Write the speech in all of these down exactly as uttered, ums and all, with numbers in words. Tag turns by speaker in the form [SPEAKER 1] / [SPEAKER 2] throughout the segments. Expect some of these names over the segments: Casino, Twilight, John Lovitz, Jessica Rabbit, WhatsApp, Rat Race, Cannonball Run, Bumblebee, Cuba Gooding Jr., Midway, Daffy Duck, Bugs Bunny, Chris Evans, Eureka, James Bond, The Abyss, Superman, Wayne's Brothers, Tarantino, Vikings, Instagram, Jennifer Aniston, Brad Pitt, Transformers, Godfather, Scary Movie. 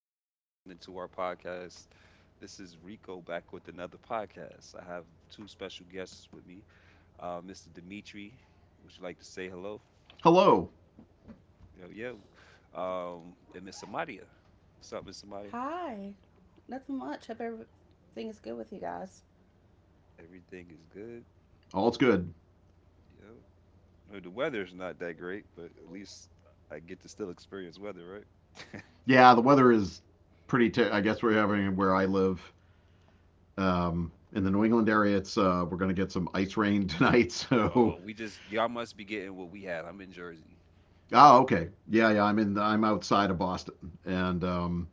[SPEAKER 1] robots listening to our podcast. This is Rico back with another podcast. I have two special guests with me. Uh, mister Dimitri, would you like to say hello?
[SPEAKER 2] Hello.
[SPEAKER 1] Yo, yo. Um, and Miss Amadia. What's up, Miss Amadia?
[SPEAKER 3] Hi. Nothing much, hope everything is good with you guys.
[SPEAKER 1] Everything is good.
[SPEAKER 2] All's good.
[SPEAKER 1] Yo. No, the weather's not that great, but at least I get to still experience weather, right?
[SPEAKER 2] Yeah, the weather is pretty. Ter- I guess we're having where I live um, in the New England area. It's uh, we're gonna get some ice rain tonight. So
[SPEAKER 1] oh, we just, y'all must be getting what we had. I'm in Jersey.
[SPEAKER 2] oh, okay. Yeah, yeah. I'm in. The, I'm outside of Boston, and um,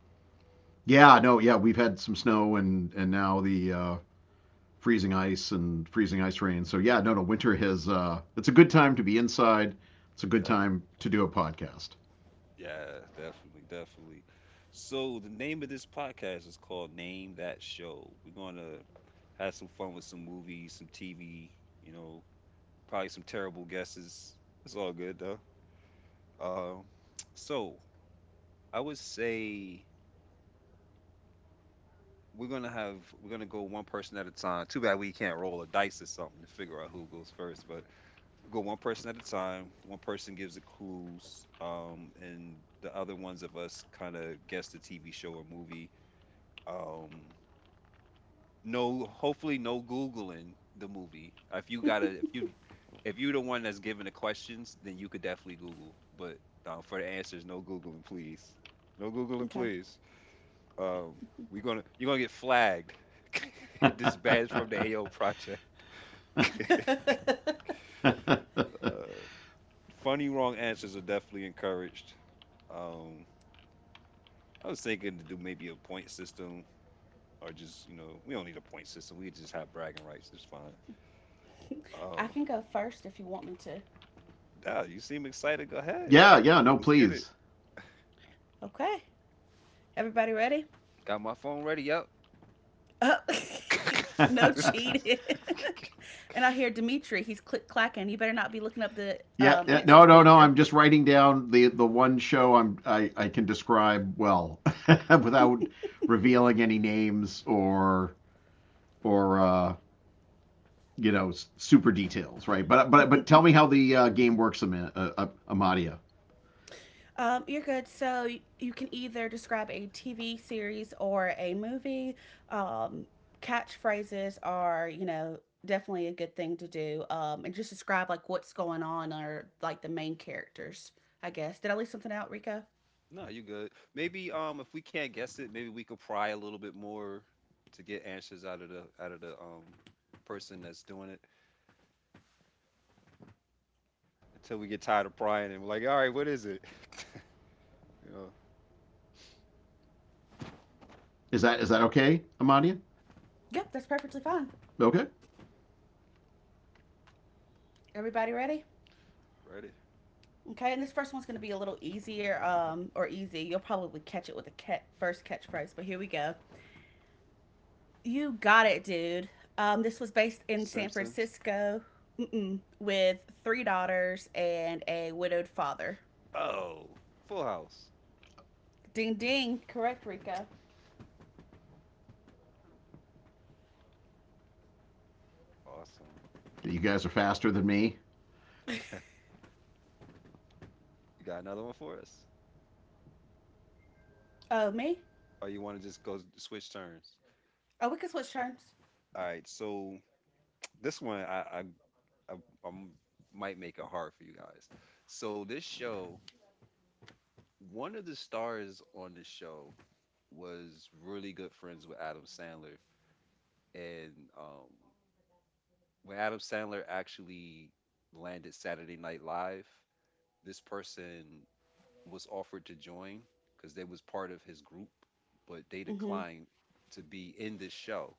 [SPEAKER 2] yeah, no, yeah. We've had some snow and and now the uh, freezing ice and freezing ice rain. So yeah, no, no. Winter has. Uh, it's a good time to be inside. It's a good time to do a podcast.
[SPEAKER 1] Yeah, definitely, definitely. So the name of this podcast is called Name That Show. We're gonna have some fun with some movies, some T V, you know, probably some terrible guesses. It's all good though. Um, so I would say we're gonna have we're gonna go one person at a time. Too bad we can't roll a dice or something to figure out who goes first, but go one person at a time. One person gives the clues, um, and the other ones of us kind of guess the T V show or movie. Um no hopefully no googling the movie. If you gotta if you If you're the one that's giving the questions, then you could definitely google, but uh, for the answers, no googling please, no googling
[SPEAKER 3] Okay.
[SPEAKER 1] please. Um we're gonna You're gonna get flagged. Dispatched from the ao project. uh Funny wrong answers are definitely encouraged. um I was thinking to do maybe a point system, or just you know we don't need a point system, we just have bragging rights, it's fine.
[SPEAKER 3] I
[SPEAKER 1] Uh,
[SPEAKER 3] can go first if you want me to.
[SPEAKER 1] Nah, you seem excited. Go ahead.
[SPEAKER 2] Yeah, yeah. No,
[SPEAKER 1] Let's get it.
[SPEAKER 2] please.
[SPEAKER 3] Okay. Everybody ready?
[SPEAKER 1] Got my phone ready up.
[SPEAKER 3] Oh. No cheating. And I hear Dimitri. He's click clacking. You better not be looking up the
[SPEAKER 2] Yeah,
[SPEAKER 3] um,
[SPEAKER 2] yeah, no,
[SPEAKER 3] answers,
[SPEAKER 2] no, no.
[SPEAKER 3] Dimitri.
[SPEAKER 2] I'm just writing down the the one show I'm I, I can describe well without revealing any names or or uh, you know s- super details, right? But but but tell me how the uh, game works, Am- uh, uh, Amadia.
[SPEAKER 3] Um, you're good. So y- you can either describe a T V series or a movie. Um, Catchphrases are, you know, definitely a good thing to do. Um, and just describe like what's going on or like the main characters, I guess. Did I leave something out, Rico?
[SPEAKER 1] No, you good. Maybe um if we can't guess it, maybe we could pry a little bit more to get answers out of the out of the um person that's doing it until we get tired of prying and we're like, all right, what is it? you know,
[SPEAKER 2] Is that is that okay, Amadia?
[SPEAKER 3] Yep, that's perfectly fine.
[SPEAKER 2] Okay.
[SPEAKER 3] Everybody ready?
[SPEAKER 1] ready?
[SPEAKER 3] Okay, and this first one's going to be a little easier, um, or easy. You'll probably catch it with the cat- first catchphrase, but here we go. You got it, dude. Um, this was based in San
[SPEAKER 1] Simpsons.
[SPEAKER 3] Francisco. Mm-mm, with three daughters and a widowed father.
[SPEAKER 1] Oh, Full House.
[SPEAKER 3] Ding ding. Correct, Rika.
[SPEAKER 1] Awesome.
[SPEAKER 2] You guys are faster than me.
[SPEAKER 1] You got another one for us?
[SPEAKER 3] Oh, me?
[SPEAKER 1] Or you want to just go s- switch turns?
[SPEAKER 3] Oh, we can switch turns.
[SPEAKER 1] All right, so this one I, I I, I might make it hard for you guys. So this show, one of the stars on this show was really good friends with Adam Sandler, and um, when Adam Sandler actually landed Saturday Night Live, this person was offered to join because they was part of his group, but they
[SPEAKER 3] Mm-hmm.
[SPEAKER 1] declined to be in this show,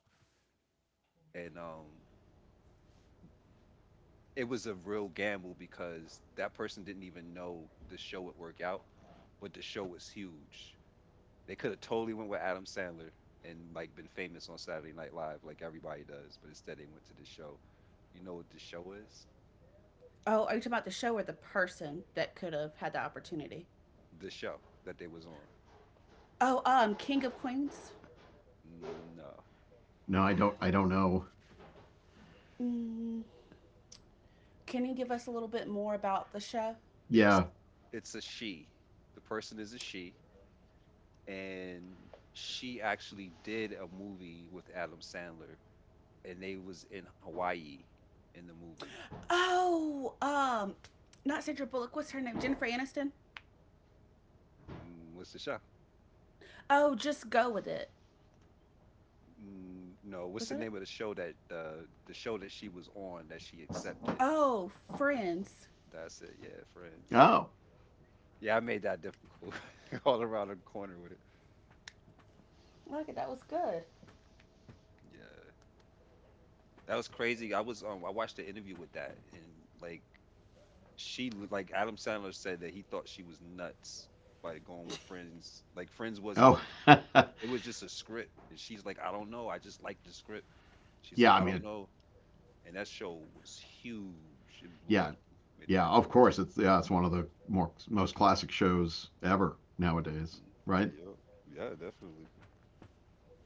[SPEAKER 1] and um, it was a real gamble because that person didn't even know the show would work out, but the show was huge. They could have totally went with Adam Sandler and like been famous on Saturday Night Live like everybody does, but instead they went to this show. You know what the show is?
[SPEAKER 3] Oh, are you talking about the show or the person that could have had the opportunity?
[SPEAKER 1] The show that they was on.
[SPEAKER 3] Oh, um, King of Queens.
[SPEAKER 1] No.
[SPEAKER 2] No, I don't. I don't know.
[SPEAKER 3] Mm, can you give us a little bit more about the show?
[SPEAKER 1] It's
[SPEAKER 2] Yeah.
[SPEAKER 1] it's a she. The person is a she, and she actually did a movie with Adam Sandler and they was in Hawaii in the movie.
[SPEAKER 3] Oh, um, not Sandra Bullock. What's her name? Jennifer Aniston.
[SPEAKER 1] Mm, What's the show?
[SPEAKER 3] Oh, just go with it.
[SPEAKER 1] Mm, No, what's
[SPEAKER 3] Was
[SPEAKER 1] the
[SPEAKER 3] that it?
[SPEAKER 1] name of the show that the the show that she was on that she accepted?
[SPEAKER 3] Oh, Friends.
[SPEAKER 1] That's it. Yeah, Friends.
[SPEAKER 2] Oh.
[SPEAKER 1] Yeah, I made that difficult all around the corner with it.
[SPEAKER 3] Look, that was good.
[SPEAKER 1] Yeah, that was crazy. I was um, I watched the interview with that, and like she, like Adam Sandler said that he thought she was nuts by going with Friends. Like Friends
[SPEAKER 2] Oh.
[SPEAKER 1] wasn't. It was just a script, and she's like, I don't know. I just like the script. She's
[SPEAKER 2] yeah.
[SPEAKER 1] like,
[SPEAKER 2] I
[SPEAKER 1] I don't
[SPEAKER 2] mean,
[SPEAKER 1] know. And that show was huge. It blew
[SPEAKER 2] yeah.
[SPEAKER 1] up. Made a
[SPEAKER 2] Yeah,
[SPEAKER 1] good
[SPEAKER 2] of
[SPEAKER 1] choice.
[SPEAKER 2] course. It's yeah, it's one of the more most classic shows ever nowadays,
[SPEAKER 1] hmm
[SPEAKER 2] right?
[SPEAKER 1] Yep. Yeah, definitely.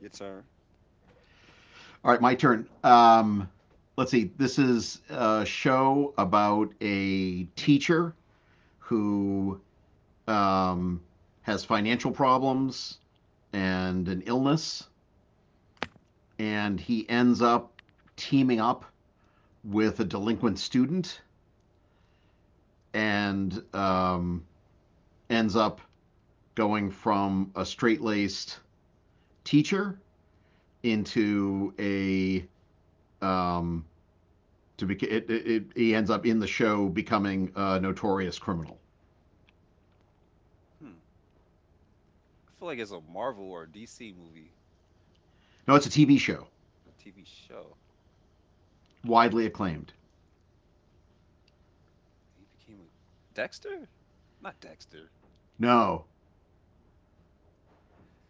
[SPEAKER 1] Your turn.
[SPEAKER 2] All right, my turn. Um, let's see. This is a show about a teacher who um, has financial problems and an illness, and he ends up teaming up with a delinquent student and um, ends up going from a straight laced teacher into a um, to be it, it, it, he ends up in the show becoming a notorious criminal.
[SPEAKER 1] Hmm. I feel like it's a Marvel or D C movie,
[SPEAKER 2] No, it's a T V show,
[SPEAKER 1] a T V show.
[SPEAKER 2] widely acclaimed.
[SPEAKER 1] He became a Dexter? Not Dexter.
[SPEAKER 2] No,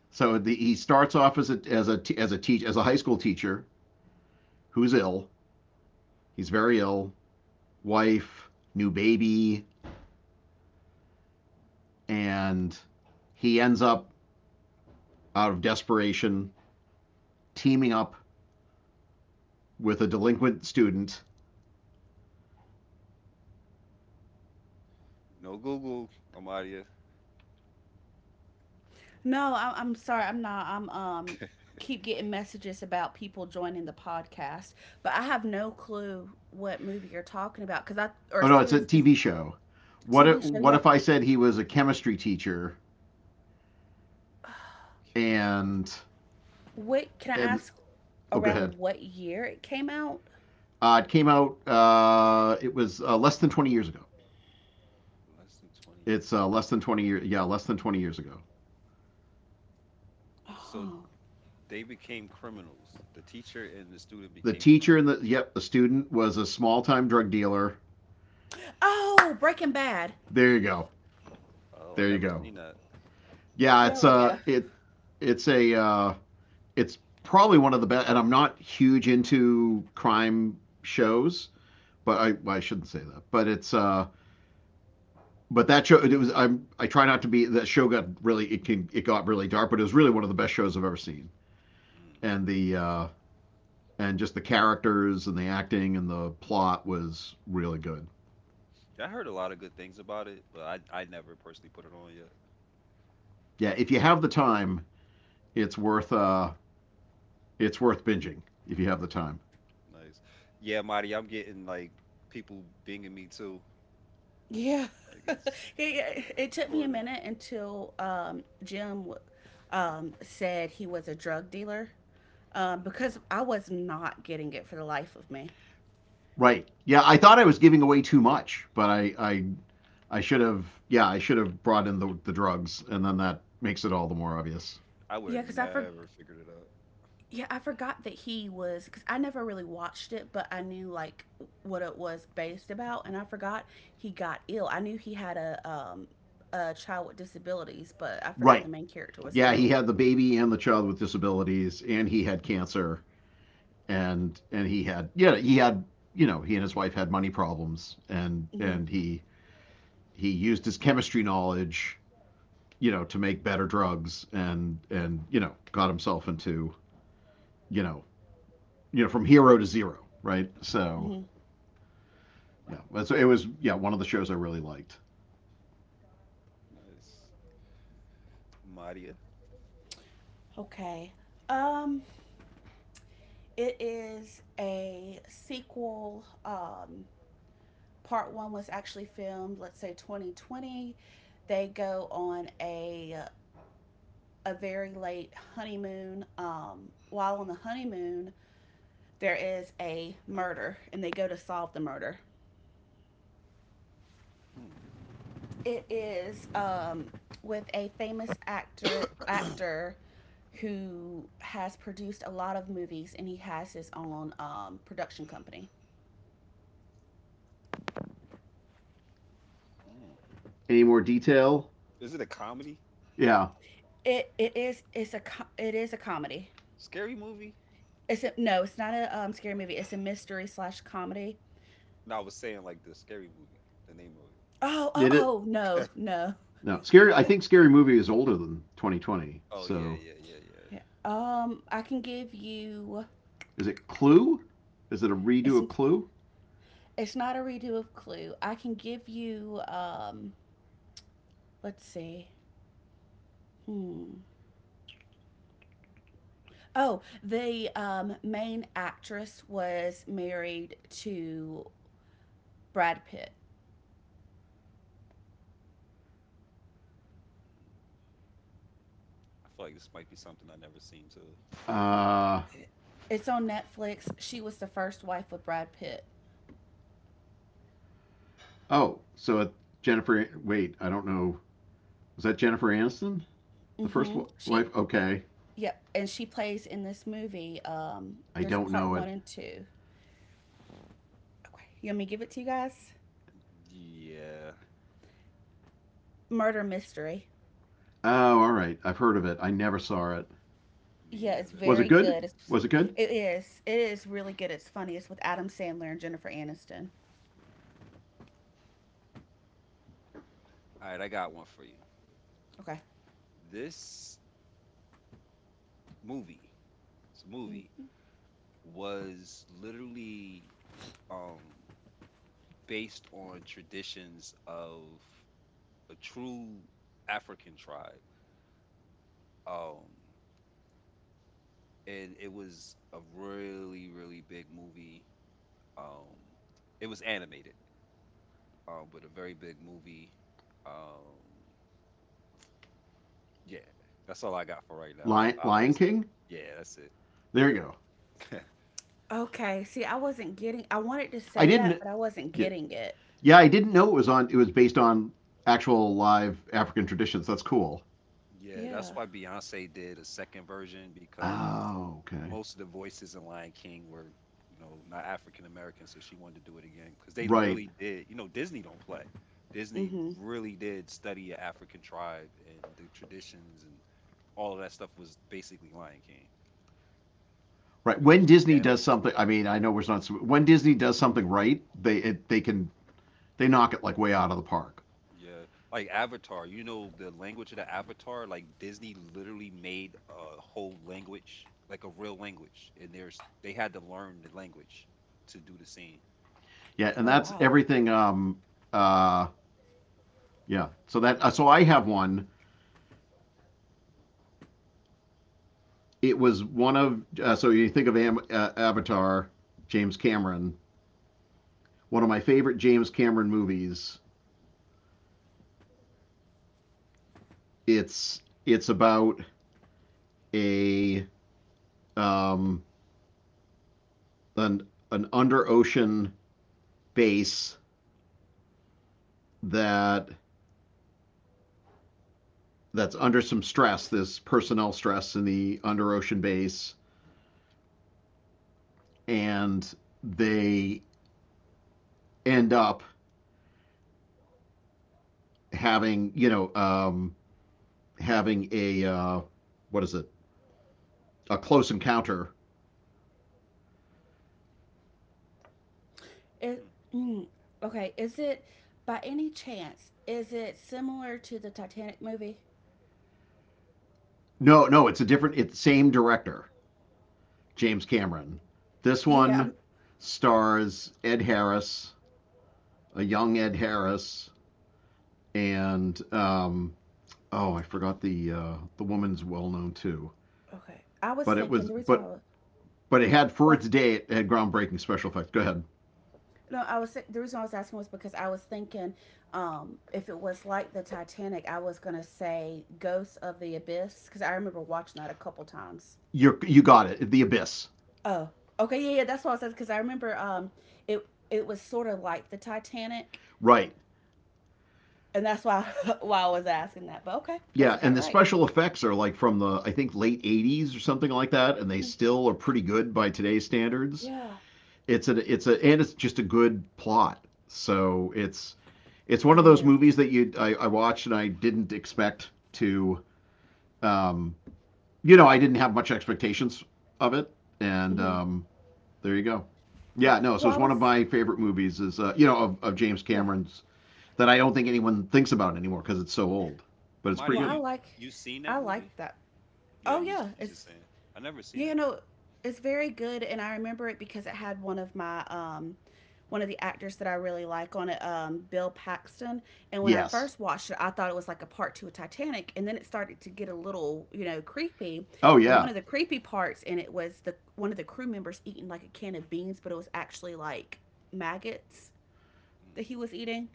[SPEAKER 2] so the, he starts off as a as a as a teach as a high school teacher who's ill. He's very ill, wife, new baby, and he ends up out of desperation teaming up with a delinquent student.
[SPEAKER 1] No Google, Amadia.
[SPEAKER 3] No, I, I'm sorry. I'm not. I'm um keep getting messages about people joining the podcast, but I have no clue what movie you're talking about because I, or
[SPEAKER 2] Oh no, it's a
[SPEAKER 3] series, because
[SPEAKER 2] T V show. What if,
[SPEAKER 3] T V show.
[SPEAKER 2] what
[SPEAKER 3] Yeah,
[SPEAKER 2] if I said he was a chemistry teacher
[SPEAKER 1] Chemist
[SPEAKER 2] and
[SPEAKER 3] what can I
[SPEAKER 2] and
[SPEAKER 3] ask?
[SPEAKER 2] oh go ahead.
[SPEAKER 3] Around what year it came out?
[SPEAKER 2] Uh, it came out. Uh, it was uh, less than twenty years ago.
[SPEAKER 1] less than twenty years
[SPEAKER 2] It's
[SPEAKER 1] ago.
[SPEAKER 2] uh, less than twenty years. Yeah, less than twenty years ago.
[SPEAKER 1] So
[SPEAKER 3] Oh,
[SPEAKER 1] they became criminals. The teacher and the student
[SPEAKER 2] The
[SPEAKER 1] became
[SPEAKER 2] teacher
[SPEAKER 1] criminals.
[SPEAKER 2] and the yep, the student was a small-time drug dealer.
[SPEAKER 3] oh, Breaking Bad.
[SPEAKER 2] There you go.
[SPEAKER 1] Oh, I
[SPEAKER 2] There you
[SPEAKER 1] never
[SPEAKER 2] go.
[SPEAKER 1] seen that.
[SPEAKER 2] Yeah, it's
[SPEAKER 3] There we go.
[SPEAKER 2] a it it's a uh, it's probably one of the best. And I'm not huge into crime shows, but I well, I shouldn't say that. But it's uh, but that show it was I'm I try not to be that show got really it can it got really dark, but it was really one of the best shows I've ever seen.
[SPEAKER 1] Mm.
[SPEAKER 2] And the uh, and just the characters and the acting and the plot was really good.
[SPEAKER 1] I heard a lot of good things about it, but I I never personally put it on yet.
[SPEAKER 2] Yeah, if you have the time, it's worth uh, it's worth binging if you have the time.
[SPEAKER 1] Nice. Yeah, Marty, I'm getting like people binging me too.
[SPEAKER 3] Yeah,
[SPEAKER 1] Like it's like we
[SPEAKER 3] it,
[SPEAKER 1] are
[SPEAKER 3] it took me a
[SPEAKER 1] recording.
[SPEAKER 3] minute until um Jim um said he was a drug dealer, uh,
[SPEAKER 1] Mm.
[SPEAKER 3] because I was not getting it for the life of me.
[SPEAKER 2] Right. Yeah, I thought I was giving away too much, but I I, I should have yeah I should have brought in the the drugs, and then that makes it all the more obvious.
[SPEAKER 1] I would
[SPEAKER 3] Yeah,
[SPEAKER 1] have
[SPEAKER 3] because I for
[SPEAKER 1] never figured it out.
[SPEAKER 3] yeah, I forgot that he was, because I never really watched it, but I knew like what it was based about, and I forgot he got ill. I knew he had a um a child with disabilities, but I forgot
[SPEAKER 2] Right.
[SPEAKER 3] the main character was
[SPEAKER 2] Yeah, he
[SPEAKER 3] ill.
[SPEAKER 2] had the baby and the child with disabilities, and he had cancer, and and he had yeah he had you know he and his wife had money problems, and
[SPEAKER 3] Hmm.
[SPEAKER 2] and he he used his chemistry knowledge you know, to make better drugs and and you know, got himself into you know, you know, from hero to zero, right? So
[SPEAKER 3] Hmm.
[SPEAKER 2] yeah, so it was yeah one of the shows I really liked.
[SPEAKER 1] Nice. Maria.
[SPEAKER 3] Okay. Um, it is a sequel. Um, part one was actually filmed, let's say twenty twenty. They go on a a very late honeymoon. Um, while on the honeymoon, there is a murder, and they go to solve the murder.
[SPEAKER 1] Hmm.
[SPEAKER 3] It is um, with a famous actor actor who has produced a lot of movies, and he has his own um, production company.
[SPEAKER 1] Mm.
[SPEAKER 2] Any more detail?
[SPEAKER 1] Is it a comedy?
[SPEAKER 2] Yeah,
[SPEAKER 3] It it is it's a it is a comedy.
[SPEAKER 1] Scary movie?
[SPEAKER 3] It's a, no, it's not a, um, scary movie. It's a mystery slash comedy.
[SPEAKER 1] No, I was saying like the scary movie, the name of it.
[SPEAKER 3] Oh, oh,
[SPEAKER 2] did it?
[SPEAKER 3] oh, no, no.
[SPEAKER 2] No, scary. I think Scary Movie is older than twenty twenty.
[SPEAKER 1] Oh yeah,
[SPEAKER 2] So
[SPEAKER 1] yeah, yeah, yeah.
[SPEAKER 3] Yeah. Um, I can give you.
[SPEAKER 2] is it Clue? Is it a redo
[SPEAKER 3] It's
[SPEAKER 2] of Clue?
[SPEAKER 3] It's not a redo of Clue. I can give you um let's see. Hmm. Oh, the um main actress was married to Brad Pitt.
[SPEAKER 1] Mm. I feel like this might be something I never seen too.
[SPEAKER 2] Uh
[SPEAKER 3] It's on Netflix. She was the first wife of Brad Pitt.
[SPEAKER 2] oh, so it, Jennifer. Wait, I don't know. Was that Jennifer Aniston, the
[SPEAKER 3] Mm.
[SPEAKER 2] first
[SPEAKER 3] Mhm.
[SPEAKER 2] wife?
[SPEAKER 3] She
[SPEAKER 2] Okay,
[SPEAKER 3] Yep, and she plays in this movie, um
[SPEAKER 2] I
[SPEAKER 3] there's a
[SPEAKER 2] don't
[SPEAKER 3] part
[SPEAKER 2] know it.
[SPEAKER 3] one and two. Okay. You want me to give it to you guys?
[SPEAKER 1] Yeah,
[SPEAKER 3] Murder Mystery.
[SPEAKER 2] Oh, all right. I've heard of it. I never saw it.
[SPEAKER 3] Yeah,
[SPEAKER 1] me
[SPEAKER 3] it's
[SPEAKER 1] either.
[SPEAKER 2] Was it
[SPEAKER 3] very
[SPEAKER 2] good?
[SPEAKER 3] good. It's
[SPEAKER 2] Was it good?
[SPEAKER 3] it is. It is really good. It's funny. It's with Adam Sandler and Jennifer Aniston.
[SPEAKER 1] All right, I got one for you.
[SPEAKER 3] Okay.
[SPEAKER 1] This movie, it's a movie,
[SPEAKER 3] Mm.
[SPEAKER 1] was literally um based on traditions of a true African tribe. Um, and it was a really, really big movie. Um, it was animated, um, with a very big movie. Um, yeah, that's all I got for right now. I'll,
[SPEAKER 2] Lion,
[SPEAKER 1] I'll
[SPEAKER 2] Lion
[SPEAKER 1] answer.
[SPEAKER 2] King.
[SPEAKER 1] Yeah, that's it.
[SPEAKER 2] There you
[SPEAKER 1] Yeah,
[SPEAKER 2] go.
[SPEAKER 3] Okay, see, I wasn't getting, I wanted to
[SPEAKER 2] I
[SPEAKER 3] say that,
[SPEAKER 2] didn't
[SPEAKER 3] but I wasn't
[SPEAKER 2] get.
[SPEAKER 3] getting it.
[SPEAKER 2] Yeah, I didn't know it was on. It was based on actual live African traditions. That's cool.
[SPEAKER 1] yeah, that's
[SPEAKER 3] Yeah.
[SPEAKER 1] why Beyonce did a second version, because
[SPEAKER 2] Oh, okay.
[SPEAKER 1] most of the voices in Lion King were, you know, not African American, so she wanted to do it again because they
[SPEAKER 2] Right.
[SPEAKER 1] really did. You know, Disney don't play. Disney
[SPEAKER 3] Mhm.
[SPEAKER 1] really did study an African tribe, and the traditions and all of that stuff was basically Lion King,
[SPEAKER 2] Right.
[SPEAKER 1] but it was
[SPEAKER 2] When
[SPEAKER 1] just
[SPEAKER 2] Disney does
[SPEAKER 1] animals.
[SPEAKER 2] something, I mean, I know we're not. So, When Disney does something right, they it, they can they knock it like way out of the park.
[SPEAKER 1] Yeah, like Avatar, you know the language of the Avatar, like Disney literally made a whole language, like a real language, and there's they had to learn the language to do the scene.
[SPEAKER 2] Yeah, and
[SPEAKER 3] Oh,
[SPEAKER 2] that's
[SPEAKER 3] wow.
[SPEAKER 2] everything. Um. Uh. Yeah. So that. Uh, so I have one. It was one of. Uh, so you think of Am, uh, Avatar, James Cameron. One of my favorite James Cameron movies. It's it's about a um, an an under ocean base that that's under some stress. There's personnel stress in the under ocean base, and they end up having you know um, having a uh, what is it a close encounter.
[SPEAKER 3] It
[SPEAKER 1] Hmm.
[SPEAKER 3] mm, Okay, is it by any chance is it similar to the Titanic movie?
[SPEAKER 2] No, no, it's a different. It's the same director. James Cameron. This
[SPEAKER 3] Yeah,
[SPEAKER 2] one
[SPEAKER 3] I'm
[SPEAKER 2] stars Ed Harris, a young Ed Harris, and um, oh, I forgot the uh, the woman's well known too.
[SPEAKER 3] okay. I was
[SPEAKER 2] But it
[SPEAKER 3] thinking
[SPEAKER 2] was
[SPEAKER 3] the reason why
[SPEAKER 2] but
[SPEAKER 3] I
[SPEAKER 2] but it had for
[SPEAKER 3] was
[SPEAKER 2] its day it had groundbreaking special effects. Go ahead.
[SPEAKER 3] No, I was, the reason I was asking was because I was thinking, um, if it was like the Titanic, I was gonna say Ghosts of the Abyss because I remember watching that a couple times.
[SPEAKER 2] You you got it. The Abyss.
[SPEAKER 3] Oh, okay, yeah, yeah, that's what I said, because I remember, um, it it was sort of like the Titanic,
[SPEAKER 2] Right.
[SPEAKER 3] and that's why why I was asking that. But okay, guess
[SPEAKER 2] Yeah,
[SPEAKER 3] I got
[SPEAKER 2] and
[SPEAKER 3] it
[SPEAKER 2] the
[SPEAKER 3] right.
[SPEAKER 2] special effects are like from the I think late eighties or something like that and they
[SPEAKER 3] Mhm.
[SPEAKER 2] still are pretty good by today's standards.
[SPEAKER 3] Yeah,
[SPEAKER 2] It's a it's a and it's just a good plot. So it's it's one
[SPEAKER 3] it
[SPEAKER 2] of those
[SPEAKER 3] is.
[SPEAKER 2] movies that you I, I watched and I didn't expect to. Um, you know, I didn't have much expectations of it, and
[SPEAKER 3] Mm-hmm.
[SPEAKER 2] um, there you go. Yeah, no. So
[SPEAKER 3] Well,
[SPEAKER 2] it's
[SPEAKER 3] I
[SPEAKER 2] one
[SPEAKER 3] was
[SPEAKER 2] of my favorite movies. Is uh, you know of, of James
[SPEAKER 3] yeah.
[SPEAKER 2] Cameron's that I don't think anyone thinks about anymore because it's so old, but it's
[SPEAKER 1] Amadia,
[SPEAKER 2] pretty
[SPEAKER 3] Well, I
[SPEAKER 2] good.
[SPEAKER 1] you
[SPEAKER 3] like
[SPEAKER 1] you seen that
[SPEAKER 3] I
[SPEAKER 1] movie?
[SPEAKER 3] like that.
[SPEAKER 1] Yeah,
[SPEAKER 3] Oh
[SPEAKER 1] you was
[SPEAKER 3] yeah,
[SPEAKER 1] you
[SPEAKER 3] it's
[SPEAKER 1] just saying I never seen
[SPEAKER 3] yeah, you
[SPEAKER 1] it.
[SPEAKER 3] know, it's very good, and I remember it because it had one of my um one of the actors that I really like on it, um, Bill Paxton. And when I
[SPEAKER 2] Yes.
[SPEAKER 3] first watched it, I thought it was like a part two of Titanic, and then it started to get a little, you know, creepy.
[SPEAKER 2] Oh
[SPEAKER 3] And one
[SPEAKER 2] yeah.
[SPEAKER 3] of the creepy parts in it was the one of the crew members eating like a can of beans, but it was actually like maggots
[SPEAKER 1] Hmm.
[SPEAKER 3] that he was eating.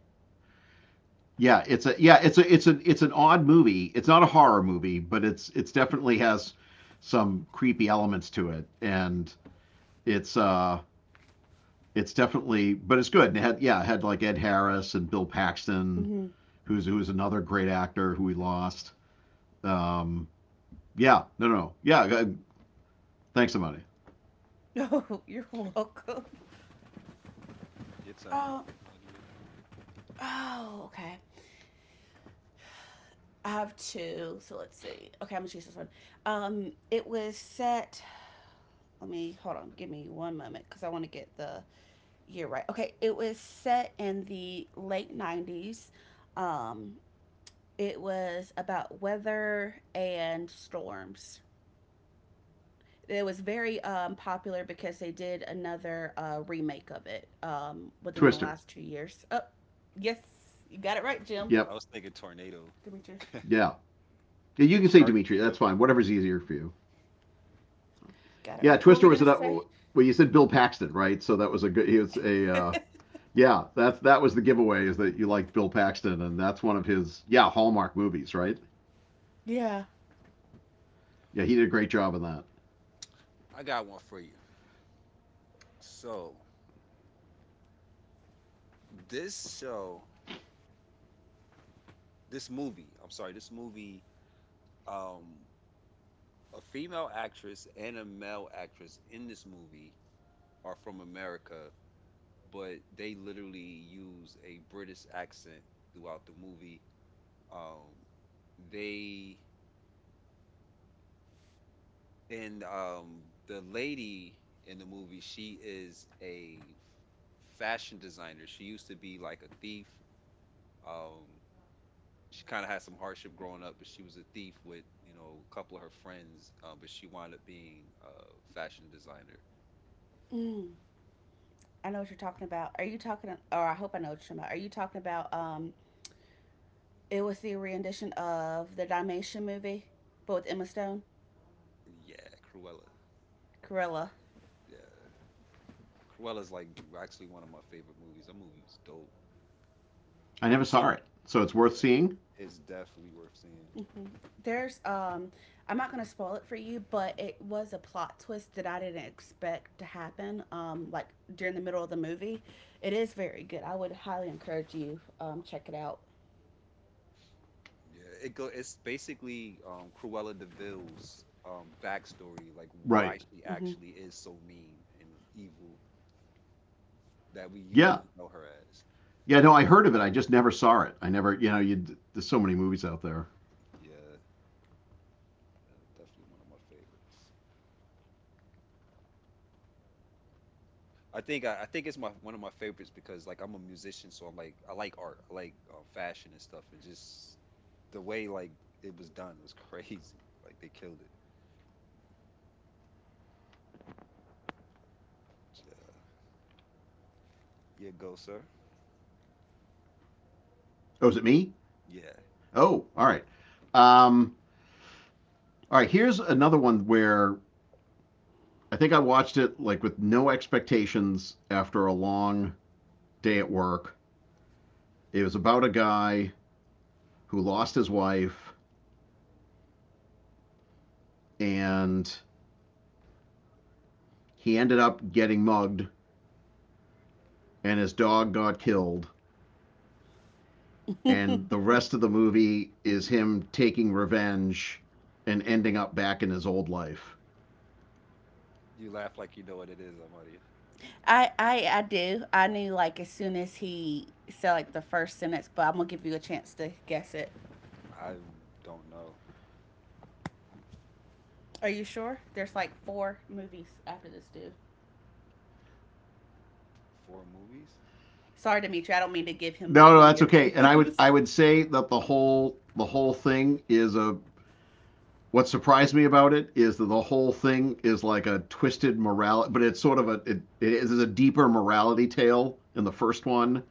[SPEAKER 2] Yeah, it's a yeah, it's a it's an it's an odd movie. It's not a horror movie, but it's it's definitely has some creepy elements to it, and it's uh it's definitely, but it's good. And it had, yeah, it had like Ed Harris and Bill Paxton,
[SPEAKER 3] Hmm.
[SPEAKER 2] who's who is another great actor who we lost. Um, yeah, no, no, no. yeah. uh, Thanks, somebody.
[SPEAKER 3] Oh, you're welcome.
[SPEAKER 1] Your turn,
[SPEAKER 3] Oh,
[SPEAKER 1] Amadia.
[SPEAKER 3] oh, okay. I have two. So let's see. Okay, I'm gonna choose this one. Um, it was set. Let me hold on. Give me one moment because I want to get the year right. Okay, it was set in the late nineties. Um, it was about weather and storms. It was very um, popular because they did another uh, remake of it um, within the
[SPEAKER 2] Twister.
[SPEAKER 3] last two years. Oh, yes, you got it right, Jim.
[SPEAKER 1] I
[SPEAKER 2] Yep.
[SPEAKER 1] was thinking tornado,
[SPEAKER 3] Dimitri,
[SPEAKER 2] Yeah. yeah. You can say Dimitri. That's
[SPEAKER 1] Sharknado.
[SPEAKER 2] fine. Whatever's easier for you.
[SPEAKER 3] got it
[SPEAKER 2] Yeah.
[SPEAKER 3] right. What were
[SPEAKER 2] Twister
[SPEAKER 3] we
[SPEAKER 2] was
[SPEAKER 3] gonna
[SPEAKER 2] an.
[SPEAKER 3] say?
[SPEAKER 2] Oh, Well, you said Bill Paxton, right? So that was a good. He was a. Uh, yeah. That's that was the giveaway is that you liked Bill Paxton, and that's one of his. Yeah, Hallmark movies, right?
[SPEAKER 3] Yeah.
[SPEAKER 2] Yeah, he did a great job in that.
[SPEAKER 1] I got one for you. So this show, this movie, I'm sorry, this movie. Um, a female actress and a male actress in this movie are from America, but they literally use a British accent throughout the movie. Um, they and um, the lady in the movie, she is a fashion designer. She used to be like a thief. Um, she kind of had some hardship growing up, but she was a thief with you know a couple of her friends. Uh, but she wound up being a fashion designer.
[SPEAKER 3] Mm. I know what you're talking about. Are you talking, or I hope I know what you're talking about. Are you talking about, um, it was the rendition of the Dalmatian movie, but with Emma Stone?
[SPEAKER 1] Yeah, Cruella.
[SPEAKER 3] Gorilla.
[SPEAKER 1] Yeah, Cruella's like actually one of my favorite movies. That movie was dope.
[SPEAKER 2] I never
[SPEAKER 1] You
[SPEAKER 2] saw
[SPEAKER 1] seen?
[SPEAKER 2] it, so it's worth
[SPEAKER 1] Yeah,
[SPEAKER 2] seeing.
[SPEAKER 1] it's definitely worth seeing.
[SPEAKER 3] Hmm. There's, um, I'm not going to spoil it for you, but it was a plot twist that I didn't expect to happen, um, like during the middle of the movie. It is very good. I would highly encourage you, um, check it out.
[SPEAKER 1] Yeah, it go. It's basically um, Cruella Deville's um, backstory, like why
[SPEAKER 2] Right.
[SPEAKER 1] she
[SPEAKER 3] Hmm.
[SPEAKER 1] actually is so mean and evil that we
[SPEAKER 2] Yeah,
[SPEAKER 1] usually know her as.
[SPEAKER 2] Yeah, no, I heard of it. I just never saw it. I never, you know, you there's so many movies out there.
[SPEAKER 1] Yeah, uh, definitely one of my favorites. I think I, I think it's my one of my favorites because like I'm a musician, so I'm like I like art, I like uh, fashion and stuff, and just the way like it was done was crazy. Like they killed it. Yeah, yeah go sir.
[SPEAKER 2] Oh, is it me?
[SPEAKER 1] Yeah,
[SPEAKER 2] Oh, all right. Um, all right. Here's another one where I think I watched it like with no expectations after a long day at work. It was about a guy who lost his wife and he ended up getting mugged and his dog got killed and the rest of the movie is him taking revenge and ending up back in his old life
[SPEAKER 1] you laugh like you know what it is, Amadia.
[SPEAKER 3] I, I I do. I knew, like, as soon as he said like the first sentence, but I'm gonna give you a chance to guess it.
[SPEAKER 1] I don't know.
[SPEAKER 3] Are you sure? There's like four movies after this dude.
[SPEAKER 1] Four movies?
[SPEAKER 3] Sorry, Dimitri. I don't mean to give him
[SPEAKER 2] No, no,
[SPEAKER 3] one of
[SPEAKER 2] that's
[SPEAKER 3] your
[SPEAKER 2] okay. And I would
[SPEAKER 3] clues.
[SPEAKER 2] I would say that the whole the whole thing is a what surprised me about it is that the whole thing is like a twisted morality, but it's sort of a it, it is a deeper morality tale in the first one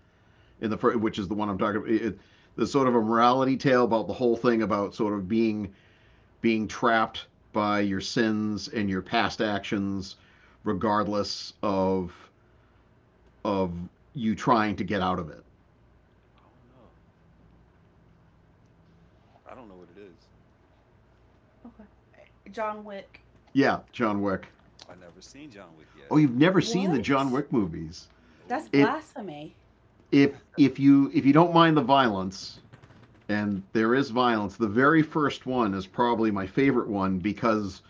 [SPEAKER 2] in the fir- which is the one I'm talking about. It, it- there's sort of a morality tale about the whole thing about sort of being being trapped by your sins and your past actions, regardless of of you trying to get out of it.
[SPEAKER 1] I don't know. I don't know what it is.
[SPEAKER 3] Okay. John Wick.
[SPEAKER 2] Yeah, John Wick.
[SPEAKER 1] I never seen John Wick yet.
[SPEAKER 2] Oh, you've never seen the John
[SPEAKER 3] What?
[SPEAKER 2] Wick movies.
[SPEAKER 3] That's
[SPEAKER 1] No,
[SPEAKER 2] It
[SPEAKER 3] blasphemy.
[SPEAKER 2] if if you if you don't mind the violence, and there is violence, the very first one is probably my favorite one because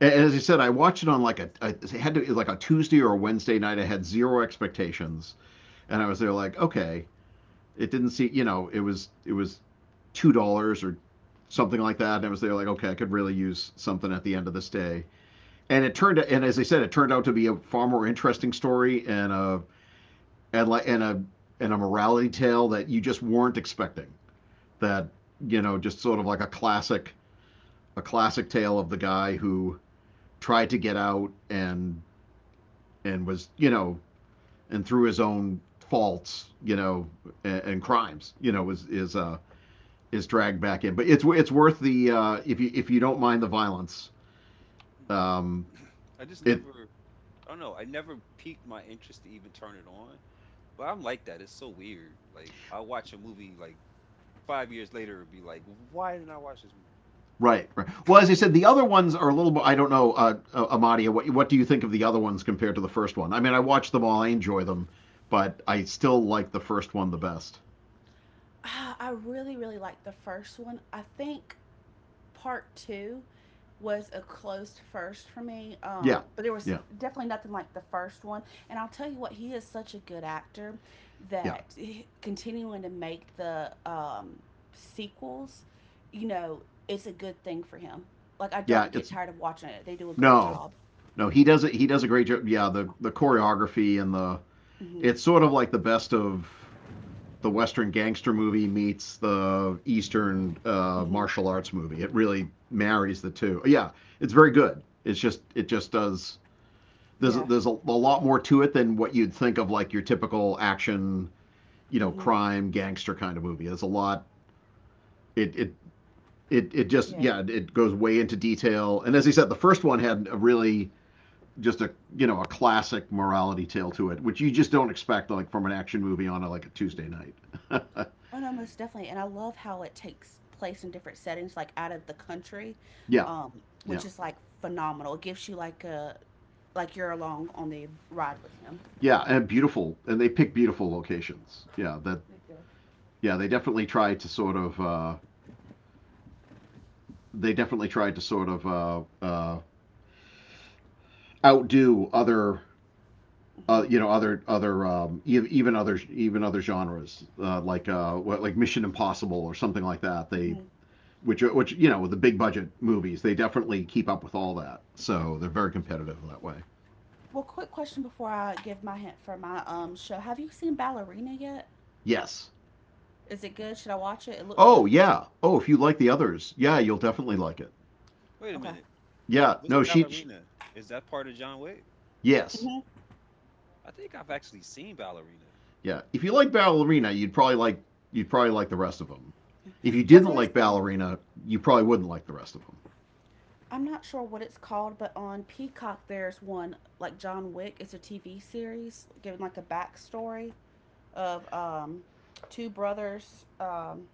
[SPEAKER 2] and as I said, I watched it on like a I had to it was like a Tuesday or a Wednesday night. I had zero expectations, and I was there like, okay, it didn't see you know it was it was two dollars or something like that, and I was there like, okay, I could really use something at the end of this day. And it turned and as I said, it turned out to be a far more interesting story and a and like and a and a morality tale that you just weren't expecting. That you know, just sort of like a classic a classic tale of the guy who tried to get out and and was you know and through his own faults you know and, and crimes you know is is uh is dragged back in. But it's it's worth the uh, if you if you don't mind the violence. Um,
[SPEAKER 1] mm-mm. I just
[SPEAKER 2] it
[SPEAKER 1] never. I don't know. I never piqued my interest to even turn it on. But I'm like that. It's so weird. Like I watch a movie like five years later and be like, why didn't I watch this movie?
[SPEAKER 2] Right, right. Well, as I said, the other ones are a little. bit- I don't know, uh, uh, Amadia. What what do you think of the other ones compared to the first one? I mean, I watched them all. I enjoy them, but I still like the first one the best.
[SPEAKER 3] Ah, I really, really liked the first one. I think part two was a closed first for me.
[SPEAKER 2] Yeah,
[SPEAKER 3] Um, but there was
[SPEAKER 2] yeah,
[SPEAKER 3] definitely nothing like the first one. And I'll tell you what, he is such a good actor
[SPEAKER 2] yeah,
[SPEAKER 3] that continuing to make the, um, sequels, you know, it's a good thing for him. Like, I
[SPEAKER 2] yeah.
[SPEAKER 3] don't get
[SPEAKER 2] It's
[SPEAKER 3] tired of watching it. They do a great
[SPEAKER 2] no,
[SPEAKER 3] job.
[SPEAKER 2] no. He does it. He does a great job. Yeah, the the choreography and the
[SPEAKER 3] Mhm.
[SPEAKER 2] it's sort of like the best of the Western gangster movie meets the Eastern uh,
[SPEAKER 3] Mhm.
[SPEAKER 2] martial arts movie. It really marries the two. Yeah, it's very good. It's just it just does there's
[SPEAKER 3] Yeah.
[SPEAKER 2] there's a, a lot more to it than what you'd think of like your typical action, you know,
[SPEAKER 3] Mhm.
[SPEAKER 2] crime gangster kind of movie. There's a lot. It it it it just
[SPEAKER 3] Yeah.
[SPEAKER 2] yeah, it- It goes way into detail. And as I said, the first one had a really just a you know a classic morality tale to it, which you just don't expect like from an action movie on a, like a Tuesday
[SPEAKER 3] Mm-hmm.
[SPEAKER 2] night.
[SPEAKER 3] Oh no,
[SPEAKER 1] Hmm.
[SPEAKER 3] most definitely. And I love how it takes place in different settings, like out of the country,
[SPEAKER 2] Yeah,
[SPEAKER 3] um,
[SPEAKER 2] yeah,
[SPEAKER 3] which is like phenomenal. It gives you like a like you're along on the ride with him.
[SPEAKER 2] yeah, and beautiful, and they pick beautiful locations. Yeah, that yeah, they definitely tried to sort of uh, they definitely tried to sort of uh, uh, outdo other uh,
[SPEAKER 3] Hmm.
[SPEAKER 2] you know other other um, e- even other even other genres uh, like uh, like Mission Impossible or something like that. They
[SPEAKER 3] Hmm.
[SPEAKER 2] which which you know with the big budget movies they definitely keep up with all that. So they're very competitive that way.
[SPEAKER 3] Well, quick question before I give my hint for my um show. Have you seen Ballerina yet?
[SPEAKER 2] Yes.
[SPEAKER 3] Is it good? Should I watch it? It looked
[SPEAKER 2] Oh
[SPEAKER 3] good.
[SPEAKER 2] yeah. Oh, if you like the others, yeah, you'll definitely like it.
[SPEAKER 1] Wait a
[SPEAKER 3] Okay.
[SPEAKER 1] minute.
[SPEAKER 2] Yeah.
[SPEAKER 1] What's
[SPEAKER 2] No, she. Sh
[SPEAKER 1] Ballerina? Is that part of John Wick?
[SPEAKER 2] yes.
[SPEAKER 3] Hmm.
[SPEAKER 1] I think I've actually seen Ballerina.
[SPEAKER 2] Yeah. If you like Ballerina, you'd probably like you'd probably like the rest of them. If you
[SPEAKER 3] Well,
[SPEAKER 2] didn't
[SPEAKER 3] there's
[SPEAKER 2] like
[SPEAKER 3] a
[SPEAKER 2] Ballerina, you probably wouldn't like the rest of them.
[SPEAKER 3] I'm not sure what it's called, but on Peacock there's one like John Wick. It's a T V series given like a backstory of, um, two brothers. Um,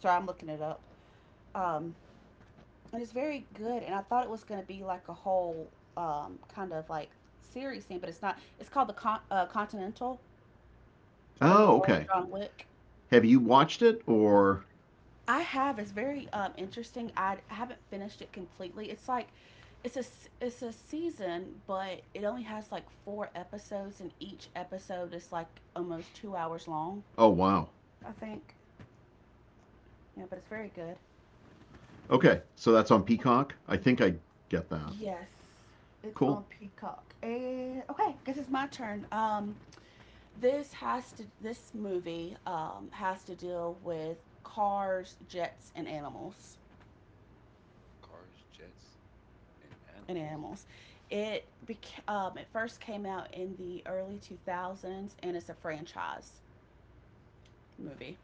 [SPEAKER 3] Sorry, I'm looking it up.
[SPEAKER 1] hmm
[SPEAKER 3] Um, and it's very good. And I thought it was going to be like a whole, um, kind of like series thing, but it's not. It's called the Con- uh, Continental, from the
[SPEAKER 2] Oh,
[SPEAKER 3] world
[SPEAKER 2] okay.
[SPEAKER 3] of John Wick.
[SPEAKER 2] Have you watched it or?
[SPEAKER 3] I have. It's very um, interesting. I haven't finished it completely. It's like it's a s- It's a season, but it only has like four episodes, and each episode is like almost two hours long.
[SPEAKER 2] Oh wow.
[SPEAKER 3] I think. Yeah, but it's very good.
[SPEAKER 2] Okay, so that's on Peacock. I think I get that.
[SPEAKER 3] Yes, it's
[SPEAKER 2] Cool.
[SPEAKER 3] on Peacock. And okay, guess it's my turn. Um, this has to. This movie, um, has to deal with cars, jets, and animals.
[SPEAKER 1] Cars, jets, and
[SPEAKER 3] And
[SPEAKER 1] animals.
[SPEAKER 3] animals. It beca- um, it first came out in the early two thousands, and it's a franchise movie.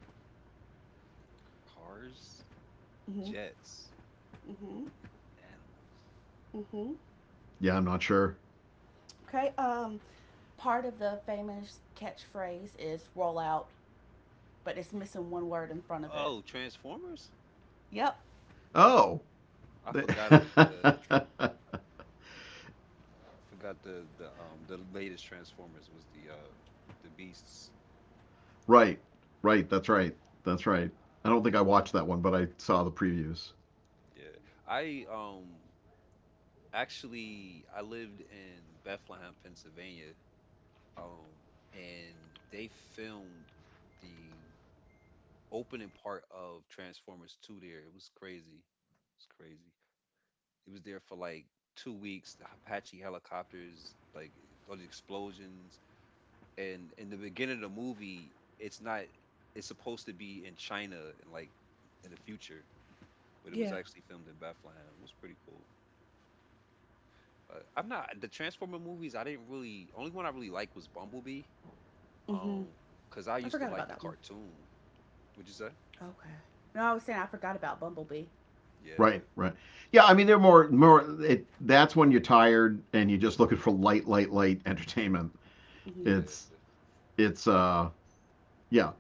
[SPEAKER 1] Cars,
[SPEAKER 3] Mhm.
[SPEAKER 1] jets,
[SPEAKER 3] Mhm.
[SPEAKER 1] animals.
[SPEAKER 3] Mhm.
[SPEAKER 2] Yeah, I'm not sure.
[SPEAKER 3] Okay. Um, part of the famous catchphrase is "roll out," but it's missing one word in front of it.
[SPEAKER 1] Oh, Transformers?
[SPEAKER 3] Yep.
[SPEAKER 2] Oh.
[SPEAKER 1] I forgot a, the I forgot the the um the latest Transformers was the uh the Beasts.
[SPEAKER 2] Right, right. That's right. That's right. I don't think I watched that one, but I saw the previews.
[SPEAKER 1] Yeah. I um Actually, I lived in Bethlehem, Pennsylvania, um, and they filmed the opening part of Transformers two there. It was crazy. It's crazy. It was there for like two weeks. The Apache helicopters, like all the explosions, and in the beginning of the movie, it's not. It's supposed to be in China and like in the future, but it was
[SPEAKER 3] Yeah.
[SPEAKER 1] actually filmed in Bethlehem. It was pretty cool. Uh, I'm not the Transformer movies. I didn't really. Only one I really liked was Bumblebee.
[SPEAKER 3] Mm-hmm.
[SPEAKER 1] Um, cause I
[SPEAKER 3] I
[SPEAKER 1] used to
[SPEAKER 3] forgot about
[SPEAKER 1] like the
[SPEAKER 3] that one.
[SPEAKER 1] cartoon. Would you say?
[SPEAKER 3] Okay. No, I was saying I forgot about Bumblebee.
[SPEAKER 1] Yeah,
[SPEAKER 2] Right, right. Yeah, I mean they're more more. It, that's when you're tired and you're just looking for light, light, light entertainment.
[SPEAKER 3] Mm-hmm.
[SPEAKER 2] It's
[SPEAKER 1] yeah.
[SPEAKER 2] it's uh Yeah.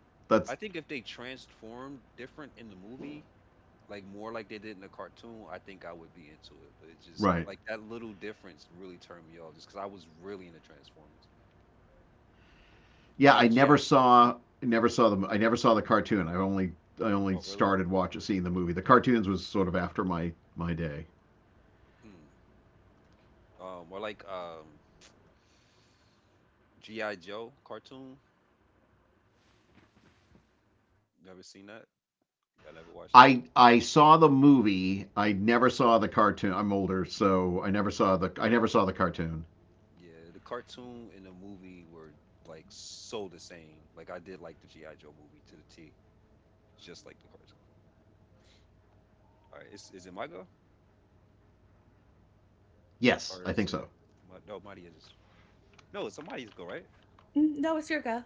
[SPEAKER 1] I
[SPEAKER 2] That's
[SPEAKER 1] think if they transformed different in the movie, like more like they did in the cartoon, I think I would be into it. But it just
[SPEAKER 2] right.
[SPEAKER 1] like that little difference really turned me off, just because I was really into Transformers.
[SPEAKER 2] Yeah,
[SPEAKER 1] Now
[SPEAKER 2] I
[SPEAKER 1] the
[SPEAKER 2] never
[SPEAKER 1] G I.
[SPEAKER 2] saw, never saw the, I never saw the cartoon. I only, I only
[SPEAKER 1] Oh, really?
[SPEAKER 2] started watching, seeing the movie. The cartoons was sort of after my my day.
[SPEAKER 1] Hmm. Um, or like um G I Joe cartoon. Never seen that. I never watched.
[SPEAKER 2] I I saw the movie. I never saw the cartoon. I'm older, so I never saw the, I never saw the cartoon.
[SPEAKER 1] Yeah, the cartoon and the movie were like so the same. Like I did like the G I. Joe movie to the T, just like the cartoon. All right, is is it my go
[SPEAKER 2] Yes,
[SPEAKER 1] or
[SPEAKER 2] I think
[SPEAKER 1] is
[SPEAKER 2] so.
[SPEAKER 1] it my, no Mighty just no, it's somebody's go, right?
[SPEAKER 3] Mm, no, it's your go.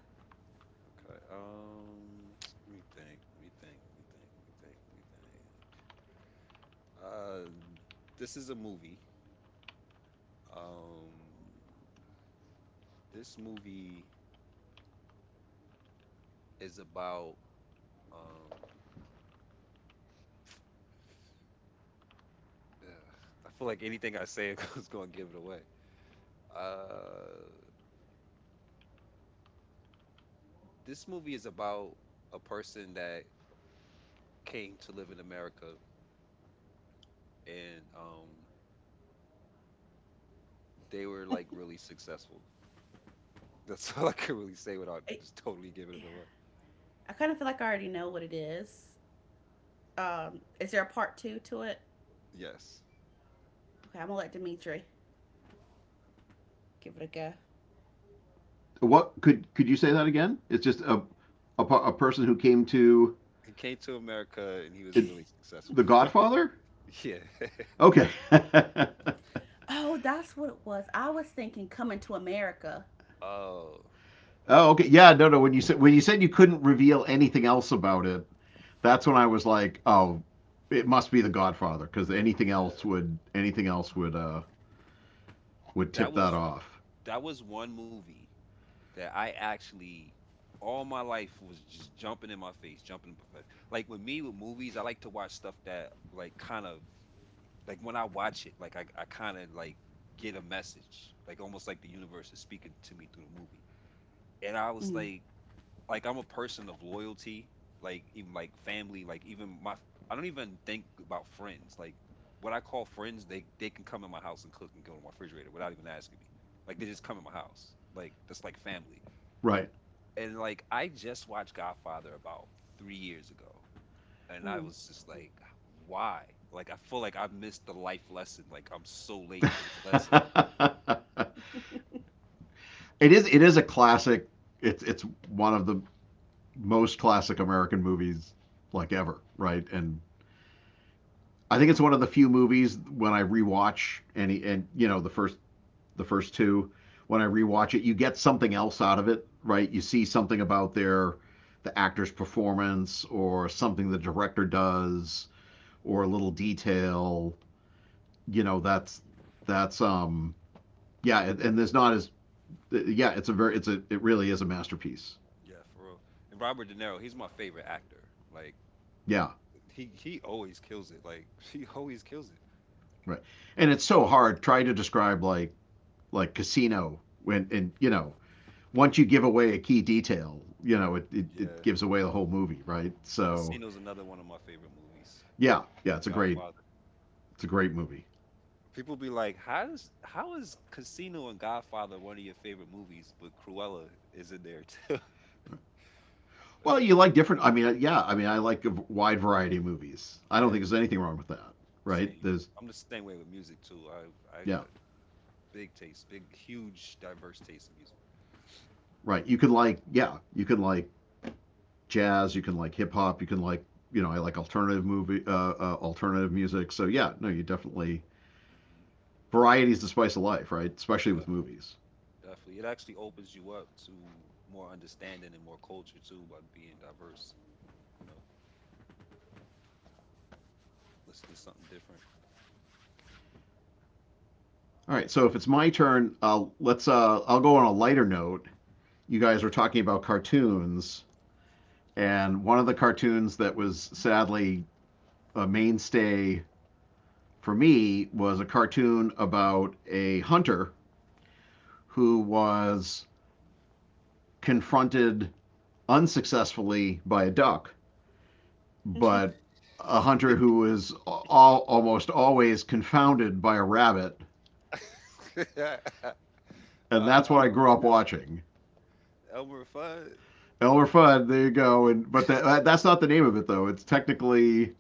[SPEAKER 1] Okay. Um, let me think. Let me think. Let me think. Let me think. Let me think. Uh, this is a movie. Um, this movie is about um. ugh, I feel like anything I say is gonna give it away. Uh, this movie is about a person that came to live in America and um they were like really successful. That's all I can really say without
[SPEAKER 3] I,
[SPEAKER 1] just totally giving it away.
[SPEAKER 3] I kind of feel like I already know what it is. Um, is there a part two to it?
[SPEAKER 1] Yes.
[SPEAKER 3] Okay, I'm gonna let Dimitri give it a go.
[SPEAKER 2] What could could you say that again? It's just a a, a person who came to
[SPEAKER 1] He came to America and he was
[SPEAKER 2] it,
[SPEAKER 1] really successful.
[SPEAKER 2] the Godfather.
[SPEAKER 1] Yeah.
[SPEAKER 2] Okay.
[SPEAKER 1] That's
[SPEAKER 2] Oh,
[SPEAKER 3] Oh, that's what it was. I was thinking Coming to America.
[SPEAKER 1] oh
[SPEAKER 2] okay. Yeah, no, no. When you said when you said you couldn't reveal anything else about it, that's when I was like, oh, it must be The Godfather because anything
[SPEAKER 1] yeah.
[SPEAKER 2] else would anything else would uh, would
[SPEAKER 1] That
[SPEAKER 2] tip that
[SPEAKER 1] was
[SPEAKER 2] off.
[SPEAKER 1] that was one movie that I actually all my life was just jumping in my face, jumping in my face. Like with me with movies, I like to watch stuff that like kind of like when I watch it, like I, I kind of like get a message, like almost like the universe is speaking to me through the movie. And I was
[SPEAKER 3] Mm,
[SPEAKER 1] like, like I'm a person of loyalty, like even like family, like even my, I don't even think about friends. Like what I call friends, they they can come in my house and cook and go to my refrigerator without even asking me. Like they just come in my house, like that's like family.
[SPEAKER 2] Right.
[SPEAKER 1] And like I just watched Godfather about three years ago, and I
[SPEAKER 3] mm.
[SPEAKER 1] was just like, why? Like I feel like I missed the life lesson. Like I'm so late for this lesson.
[SPEAKER 2] it is it is a classic. It's it's one of the most classic American movies like ever. Right. And I think it's one of the few movies when I rewatch any and you know the first the first two. When I rewatch it, you get something else out of it, right?
[SPEAKER 1] Mm,
[SPEAKER 2] You see something about their the actor's performance or something the director does or a little detail. You know, that's that's um yeah, and, there's not as yeah, it's a very it's a it really is a masterpiece.
[SPEAKER 1] yeah, for real. And Robert De Niro, he's my favorite actor. Like
[SPEAKER 2] Yeah,
[SPEAKER 1] he he always kills it. Like he always kills it.
[SPEAKER 2] right. And it's so hard try to describe like like Casino when and you know once you give away a key detail, you know, it, it, it
[SPEAKER 1] Yeah,
[SPEAKER 2] gives away the whole movie, right? So
[SPEAKER 1] Casino's another one of my favorite movies.
[SPEAKER 2] yeah, yeah,
[SPEAKER 1] And
[SPEAKER 2] it's a great
[SPEAKER 1] Godfather.
[SPEAKER 2] it's a great movie.
[SPEAKER 1] People be like, how does how is Casino and Godfather one of your favorite movies, but Cruella is in there too. But
[SPEAKER 2] Well,
[SPEAKER 1] yeah,
[SPEAKER 2] you like different. I mean, yeah. I mean, I like a wide variety of movies. I don't think
[SPEAKER 1] yeah,
[SPEAKER 2] there's anything wrong with that, right?
[SPEAKER 1] same.
[SPEAKER 2] There's
[SPEAKER 1] I'm the same way with music too. I I got
[SPEAKER 2] Yeah,
[SPEAKER 1] big taste, big, huge, diverse taste in music.
[SPEAKER 2] right. You can like yeah, you can like jazz. You can like hip hop. You can like you know, I like alternative movie, uh, uh, alternative music. So yeah, no, you definitely
[SPEAKER 1] Hmm.
[SPEAKER 2] variety is the spice of life, right? Especially with
[SPEAKER 1] Definitely,
[SPEAKER 2] movies.
[SPEAKER 1] definitely. It actually opens you up to more understanding and more culture too by being diverse and you know listening to something different.
[SPEAKER 2] All right, so if it's my turn, uh, let's. Uh, I'll go on a lighter note. You guys were talking about cartoons, and one of the cartoons that was sadly a mainstay for me was a cartoon about a hunter who was confronted unsuccessfully by a duck, but a hunter who was all, almost always confounded by a rabbit, and that's what I
[SPEAKER 1] Oh
[SPEAKER 2] grew up
[SPEAKER 1] my God,
[SPEAKER 2] watching.
[SPEAKER 1] Elmer Fudd,
[SPEAKER 2] Elmer Fudd, there you go. And But that, that's not the name of it though. It's technically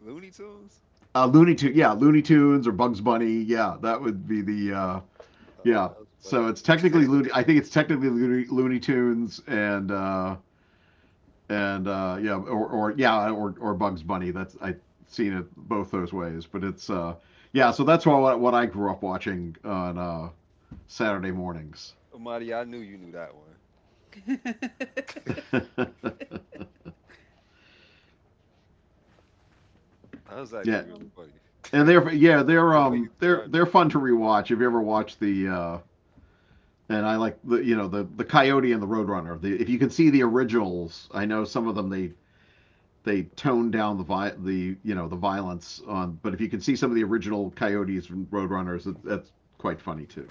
[SPEAKER 1] Looney Tunes.
[SPEAKER 2] uh, Looney Tunes. Yeah, Looney Tunes or Bugs Bunny. Yeah, that would be the, uh,
[SPEAKER 1] Oh,
[SPEAKER 2] yeah.
[SPEAKER 1] that was
[SPEAKER 2] So
[SPEAKER 1] funny.
[SPEAKER 2] it's technically Looney. I think it's technically Looney, Looney Tunes and. Uh, and uh, yeah, or, or yeah, or or Bugs Bunny. That's I've seen it both those ways, but it's, uh, yeah. So that's what what I grew up watching on uh, Saturday mornings.
[SPEAKER 1] Amadi, I knew you knew that one.
[SPEAKER 3] I
[SPEAKER 1] That was
[SPEAKER 2] Yeah,
[SPEAKER 1] actually really
[SPEAKER 3] Um,
[SPEAKER 1] funny.
[SPEAKER 2] and they're, yeah, they're
[SPEAKER 1] The way
[SPEAKER 2] um
[SPEAKER 1] you
[SPEAKER 2] they're
[SPEAKER 1] described
[SPEAKER 2] they're
[SPEAKER 1] it.
[SPEAKER 2] fun to rewatch. If you ever watched the uh, And I like the you know the the Coyote and the Roadrunner. The If you can see the originals, I know some of them they they toned down the vi- the you know the violence on, but if you can see some of the original Coyotes and Roadrunners, that, that's quite funny too.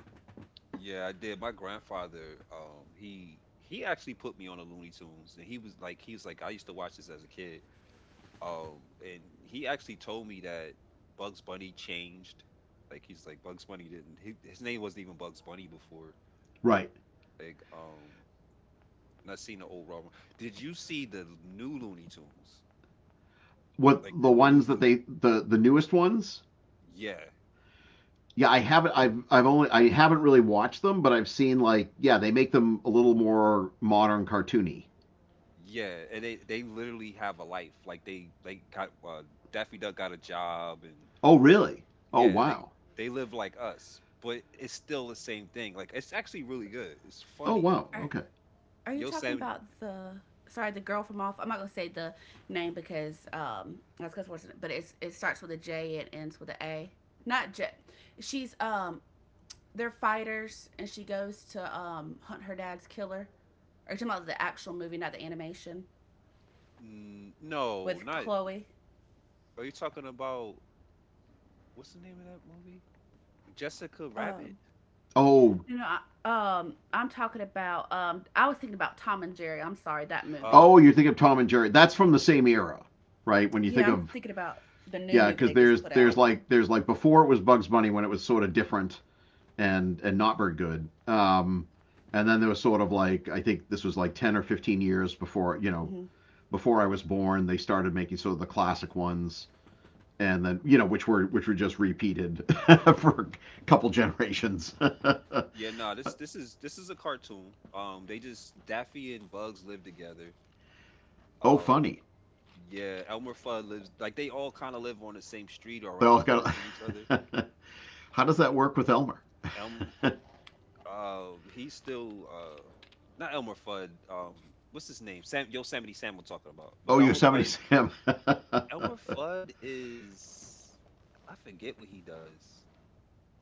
[SPEAKER 1] Yeah, I did. My grandfather, um, he he actually put me on a Looney Tunes, and he was like, he's like, I used to watch this as a kid. Um, and he actually told me that Bugs Bunny changed. Like he's like Bugs Bunny didn't. He, his name wasn't even Bugs Bunny before.
[SPEAKER 2] Right.
[SPEAKER 1] Like um, not seen the old Robin. Did you see the new Looney Tunes?
[SPEAKER 2] what
[SPEAKER 1] Like
[SPEAKER 2] the
[SPEAKER 1] the
[SPEAKER 2] ones
[SPEAKER 1] new,
[SPEAKER 2] that
[SPEAKER 1] new
[SPEAKER 2] they, the the newest ones?
[SPEAKER 1] yeah,
[SPEAKER 2] Yeah, i haven't i've i've only i haven't really watched them, but i've seen, like, yeah, they make them a little more modern, cartoony.
[SPEAKER 1] yeah. And they they literally have a life. Like they they got uh, Daffy Duck got a job and
[SPEAKER 2] Oh really. Oh
[SPEAKER 1] yeah, they
[SPEAKER 2] wow.
[SPEAKER 1] they live like us. But it's still the same thing. Like it's actually really good. It's
[SPEAKER 2] Oh
[SPEAKER 1] funny.
[SPEAKER 2] wow.
[SPEAKER 3] are,
[SPEAKER 2] Okay.
[SPEAKER 3] Are you talking
[SPEAKER 1] Yosemite.
[SPEAKER 3] about the sorry the girl from off? I'm not gonna say the name because um that's because we're, but it's it starts with a J and ends with an A. Not J. She's, um they're fighters, and she goes to um hunt her dad's killer. Are you talking about the actual movie, not the animation
[SPEAKER 1] Mm, no,
[SPEAKER 3] with
[SPEAKER 1] not
[SPEAKER 3] Chloe?
[SPEAKER 1] Are you talking about what's the name of that movie? Jessica Rabbit?
[SPEAKER 3] Um.
[SPEAKER 2] Oh.
[SPEAKER 3] You know, I, um, I'm talking about. Um, I was thinking about Tom and Jerry. I'm sorry, that movie.
[SPEAKER 2] Oh,
[SPEAKER 1] Oh,
[SPEAKER 2] you think of Tom and Jerry. That's from the same era, right? When you
[SPEAKER 3] Yeah,
[SPEAKER 2] think
[SPEAKER 3] I'm
[SPEAKER 2] of,
[SPEAKER 3] thinking about the new
[SPEAKER 2] yeah,
[SPEAKER 3] movie
[SPEAKER 2] because
[SPEAKER 3] they just
[SPEAKER 2] there's
[SPEAKER 3] put
[SPEAKER 2] there's
[SPEAKER 3] out.
[SPEAKER 2] like there's like before it was Bugs Bunny, when it was sort of different and and not very good. Um and then there was sort of like, I think this was like ten or fifteen years before, you know
[SPEAKER 3] Hmm.
[SPEAKER 2] before I was born, they started making sort of the classic ones, and then you know which were which were just repeated for a couple
[SPEAKER 1] yeah.
[SPEAKER 2] generations.
[SPEAKER 1] Yeah, no, this this is this is a cartoon. Um they just Daffy and Bugs live together.
[SPEAKER 2] Oh,
[SPEAKER 1] Um
[SPEAKER 2] funny!
[SPEAKER 1] yeah, Elmer Fudd lives like they all kind of live on the same street or
[SPEAKER 2] They
[SPEAKER 1] around the
[SPEAKER 2] all
[SPEAKER 1] corner
[SPEAKER 2] got.
[SPEAKER 1] from each other.
[SPEAKER 2] How does that work with Elmer?
[SPEAKER 1] Elm uh He's still uh not Elmer Fudd, um what's his name? Sam Yosemite Sam I'm talking about. But
[SPEAKER 2] Oh,
[SPEAKER 1] Elmer
[SPEAKER 2] Yosemite
[SPEAKER 1] Fudd
[SPEAKER 2] Sam.
[SPEAKER 1] Elmer Fudd is I forget what he does.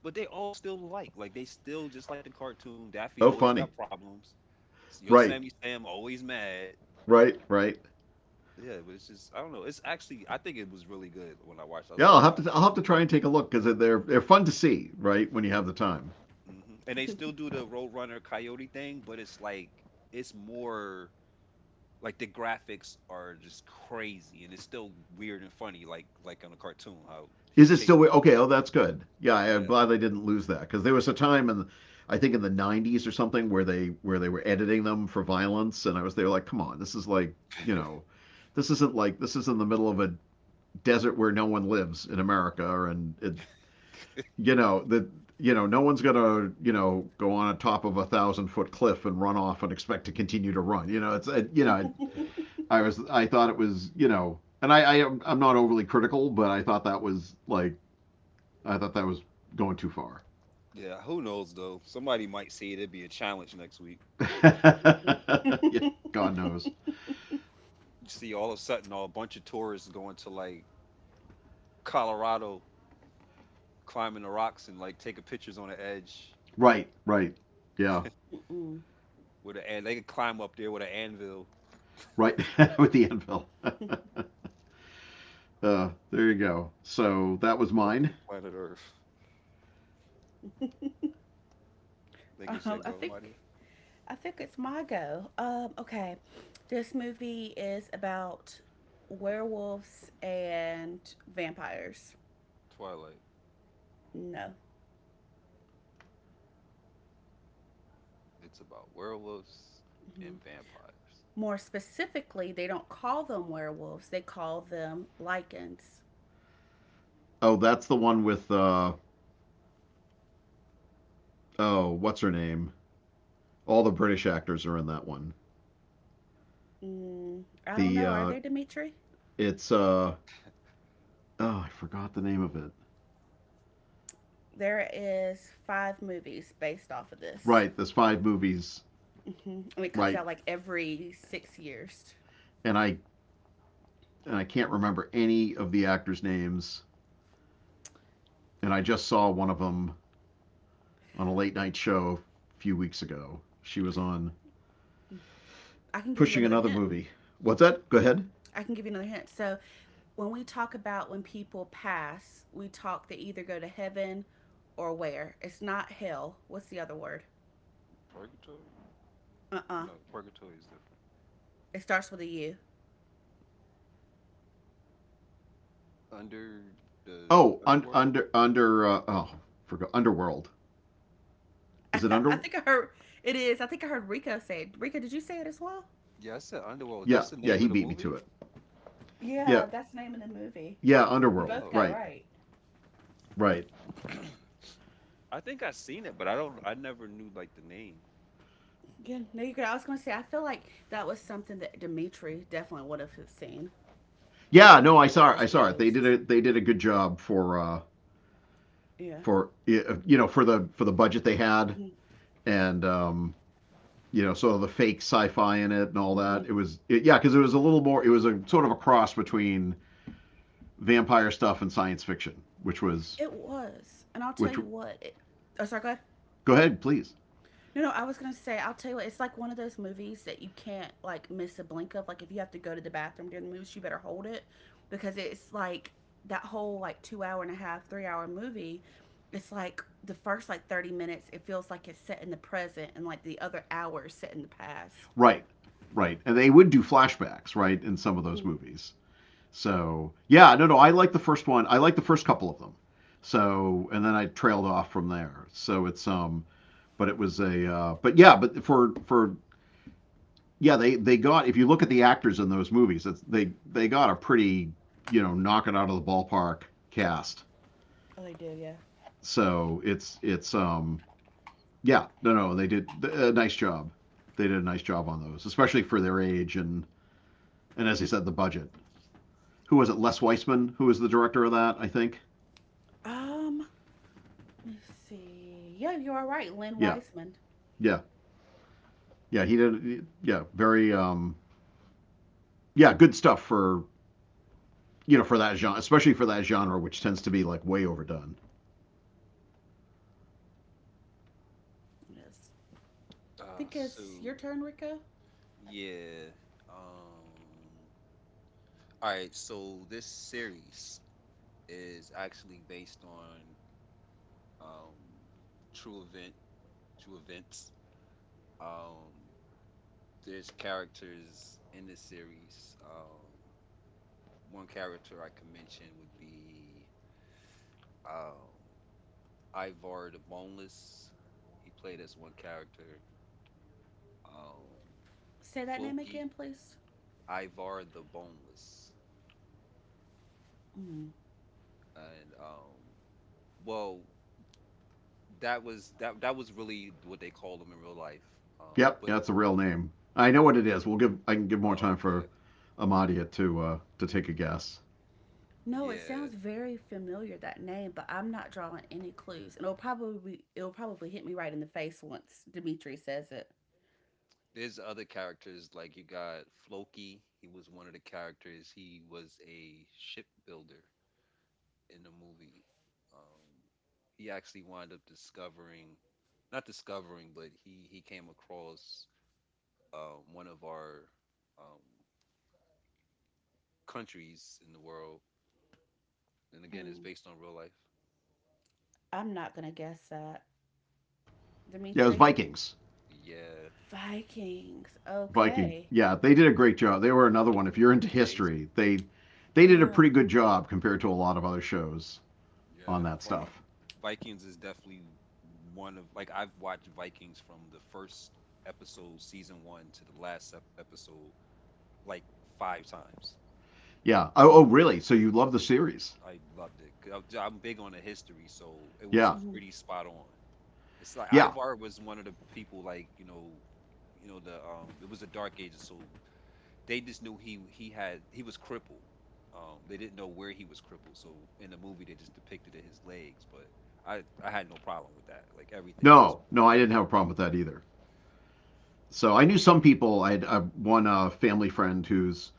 [SPEAKER 1] But they all still like like they still just like the cartoon. Daffy
[SPEAKER 2] Oh,
[SPEAKER 1] always
[SPEAKER 2] funny.
[SPEAKER 1] got problems. Yo
[SPEAKER 2] Right,
[SPEAKER 1] Sammy Sam always mad.
[SPEAKER 2] right, right.
[SPEAKER 1] Yeah, but it's just I don't know. It's actually I think it was really good when I watched it. I was
[SPEAKER 2] Yeah,
[SPEAKER 1] like,
[SPEAKER 2] I'll have
[SPEAKER 1] wow.
[SPEAKER 2] to I'll have to try and take a look because they're they're fun to see, right? When you have the time.
[SPEAKER 1] Hmm. And they still do the Roadrunner Coyote thing, but it's like it's more like the graphics are just crazy, and it's still weird and funny, like like on a cartoon how he's
[SPEAKER 2] Is it still
[SPEAKER 1] chasing
[SPEAKER 2] wi-
[SPEAKER 1] the road.
[SPEAKER 2] okay? Oh, that's good. Yeah, I, am
[SPEAKER 1] Yeah,
[SPEAKER 2] glad they didn't lose that because there was a time in, I think in the nineties or something where they where they were editing them for violence, and I was there like, come on, this is like, you know, this isn't like this is in the middle of a desert where no one lives in America, and it, you know that you know no one's gonna you know go on a top of a thousand foot cliff and run off and expect to continue to run. You know, it's it, you know
[SPEAKER 1] yeah,
[SPEAKER 2] I was I thought it was, you know, and I, I I'm not overly critical, but I thought that was like, I thought that was going too far.
[SPEAKER 1] yeah. Who knows though? Somebody might see it. It'd be a challenge next week.
[SPEAKER 3] Mhm.
[SPEAKER 2] Yeah, God knows.
[SPEAKER 1] You see all of a sudden all a bunch of tourists going to like Colorado, climbing the rocks and like taking pictures on the edge
[SPEAKER 2] Right, right. Yeah,
[SPEAKER 3] Mm-mm.
[SPEAKER 1] with an and they can climb up there with an anvil.
[SPEAKER 2] right. With the anvil. Uh, there you go. So that was
[SPEAKER 1] Welcome
[SPEAKER 2] mine.
[SPEAKER 1] to planet Earth. Niggas ya
[SPEAKER 3] Um, I
[SPEAKER 1] go
[SPEAKER 3] think
[SPEAKER 1] Maria.
[SPEAKER 3] I think it's my go. Um, okay, this movie is about werewolves and vampires.
[SPEAKER 1] Twilight.
[SPEAKER 3] No,
[SPEAKER 1] It's about werewolves
[SPEAKER 3] hmm,
[SPEAKER 1] and vampires.
[SPEAKER 3] more specifically, they don't call them werewolves. They call them lycans.
[SPEAKER 2] Oh, that's the one with, uh oh, what's her name? All the British actors are in that one.
[SPEAKER 3] Mm, I don't
[SPEAKER 2] The
[SPEAKER 3] know. Are
[SPEAKER 2] uh
[SPEAKER 3] they Dimitri?
[SPEAKER 2] it's uh Oh, I forgot the name of it.
[SPEAKER 3] There is five movies based off of this,
[SPEAKER 2] Right, there's five movies,
[SPEAKER 3] hmm and it comes
[SPEAKER 2] right?
[SPEAKER 3] out like every six years.
[SPEAKER 2] And I and I can't remember any of the actors' names. And I just saw one of them on a late night show a few weeks ago. She was on
[SPEAKER 3] I can give you
[SPEAKER 2] pushing
[SPEAKER 3] another
[SPEAKER 2] another
[SPEAKER 3] hint.
[SPEAKER 2] movie. What's that? Go ahead.
[SPEAKER 3] I can give you another hint. So when we talk about when people pass, we talk they either go to heaven or where. It's not hell. What's the other word?
[SPEAKER 1] Purgatory?
[SPEAKER 3] Uh uh.
[SPEAKER 1] No, purgatory is different.
[SPEAKER 3] It starts with a U.
[SPEAKER 1] Under the
[SPEAKER 2] Oh, un-
[SPEAKER 1] underworld?
[SPEAKER 2] under under uh, oh, forgot Underworld. Is it
[SPEAKER 3] I
[SPEAKER 2] under?
[SPEAKER 3] think I heard it is. I think I heard Rico say it. Rico, did you say it as well?
[SPEAKER 1] Yeah, I said underworld.
[SPEAKER 2] Yeah,
[SPEAKER 1] That's the
[SPEAKER 2] yeah.
[SPEAKER 1] name
[SPEAKER 2] He
[SPEAKER 1] of the
[SPEAKER 2] beat me
[SPEAKER 1] movie?
[SPEAKER 2] to it. Yeah,
[SPEAKER 3] Yeah, that's the name of the movie.
[SPEAKER 2] yeah.
[SPEAKER 3] You
[SPEAKER 2] Underworld.
[SPEAKER 3] both
[SPEAKER 1] Oh.
[SPEAKER 3] got it
[SPEAKER 2] Right,
[SPEAKER 3] right.
[SPEAKER 2] right.
[SPEAKER 1] I think I seen it, but I don't I never knew like the name.
[SPEAKER 3] Yeah, no, you could. I was going to say, I feel like that was something that Dimitri definitely would have seen.
[SPEAKER 2] Yeah. No, I
[SPEAKER 3] Was
[SPEAKER 2] saw. It, I
[SPEAKER 3] those
[SPEAKER 2] saw it. They
[SPEAKER 3] movies?
[SPEAKER 2] did a they did a good job for, uh
[SPEAKER 3] Yeah.
[SPEAKER 2] for you know for the for the budget they had
[SPEAKER 3] Hmm.
[SPEAKER 2] and um you know sort of the fake sci-fi in it and all that.
[SPEAKER 3] Hmm.
[SPEAKER 2] It was it, yeah, because it was a little more. It was a sort of a cross between vampire stuff and science fiction, which was
[SPEAKER 3] It was, and I'll tell
[SPEAKER 2] which.
[SPEAKER 3] you what. It, oh, sorry, go ahead.
[SPEAKER 2] Go ahead, please.
[SPEAKER 3] No, no, I was gonna say, I'll tell you what, it's like one of those movies that you can't like miss a blink of. Like if you have to go to the bathroom during the movie, you better hold it because it's like that whole like two hour and a half, three hour movie. It's like the first like thirty minutes, it feels like it's set in the present, and like the other hour is set in the past.
[SPEAKER 2] Right, right, and they would do flashbacks, right, in some of those
[SPEAKER 3] Mm-hmm.
[SPEAKER 2] movies. So yeah, no, no, I like the first one. I like the first couple of them. So and then I trailed off from there. So it's, um, but it was, a uh, but yeah, but for for yeah, they they got if you look at the actors in those movies, it's, they they got a pretty, you know knock it out of the ballpark cast.
[SPEAKER 3] Oh, they do, yeah.
[SPEAKER 2] So it's it's um Yeah, no, no, they did a nice job. They did a nice job on those, especially for their age, and and as I said, the budget. Who was it? Les Weissman, who was the director of that, I think.
[SPEAKER 3] Um, Let me see. Yeah, you are right, Lynn
[SPEAKER 2] Yeah,
[SPEAKER 3] Weisman.
[SPEAKER 2] yeah, yeah. He did. Yeah, very. Um, yeah, good stuff for you know for that genre, especially for that genre, which tends to be like way overdone.
[SPEAKER 3] Yes, I
[SPEAKER 1] Uh
[SPEAKER 3] think it's
[SPEAKER 1] Sue.
[SPEAKER 3] your turn, Rico.
[SPEAKER 1] Yeah. Um. All right. So this series is actually based on um true event true events. Um. There's characters in this series. Um. One character I can mention would be um Ivar the Boneless. He played as one character. Um.
[SPEAKER 3] Say that name
[SPEAKER 1] Floki.
[SPEAKER 3] again, please.
[SPEAKER 1] Ivar the Boneless.
[SPEAKER 3] Mm.
[SPEAKER 1] And um. well, that was that that was really what they call them in real life. Um,
[SPEAKER 2] Yep,
[SPEAKER 1] but
[SPEAKER 2] yeah, that's a real name. I know what it is. We'll give. I can give more
[SPEAKER 1] oh,
[SPEAKER 2] time
[SPEAKER 1] okay,
[SPEAKER 2] for Amadia to uh, to take a guess.
[SPEAKER 3] No, it
[SPEAKER 1] yeah.
[SPEAKER 3] sounds very familiar that name, but I'm not drawing any clues, and it'll probably be, it'll probably hit me right in the face once Dimitri says it.
[SPEAKER 1] There's other characters like you got Floki. He was one of the characters. He was a shipbuilder in the movie. Um, he actually wound up discovering, not discovering, but he he came across um, one of our um, countries in the world. And again, it's
[SPEAKER 3] Hmm.
[SPEAKER 1] based on real life.
[SPEAKER 3] I'm not gonna guess that,
[SPEAKER 2] Yeah, it was
[SPEAKER 3] Dimitri.
[SPEAKER 2] Vikings.
[SPEAKER 1] Yeah,
[SPEAKER 3] Vikings.
[SPEAKER 2] Viking.
[SPEAKER 3] Okay.
[SPEAKER 2] Yeah, they did a great job. They were another one. If you're into
[SPEAKER 1] amazing.
[SPEAKER 2] history, they they did a
[SPEAKER 3] Yeah.
[SPEAKER 2] pretty good job compared to a lot of other shows on that
[SPEAKER 1] Yeah,
[SPEAKER 3] Okay.
[SPEAKER 2] stuff.
[SPEAKER 1] Vikings is definitely one of like I've watched Vikings from the first episode, season one, to the last ep- episode like five times.
[SPEAKER 2] Yeah. Oh, oh
[SPEAKER 3] Mm,
[SPEAKER 2] really? So you love the series?
[SPEAKER 1] I loved it. 'Cause I- I'm big on the history, so it was
[SPEAKER 2] Yeah.
[SPEAKER 3] mhm.
[SPEAKER 1] pretty spot on. It's like
[SPEAKER 2] Yeah.
[SPEAKER 1] Ivar was one of the people, like you know, you know the um, it was the Dark Ages, so they just knew he he had he was crippled. Um, they didn't know where he was crippled, so in the movie they just depicted it his legs, but I I had no problem with that. Like everything else
[SPEAKER 2] No, no, I
[SPEAKER 1] was
[SPEAKER 2] didn't have a problem with that either. So I knew some people. I had uh, one uh, family friend who's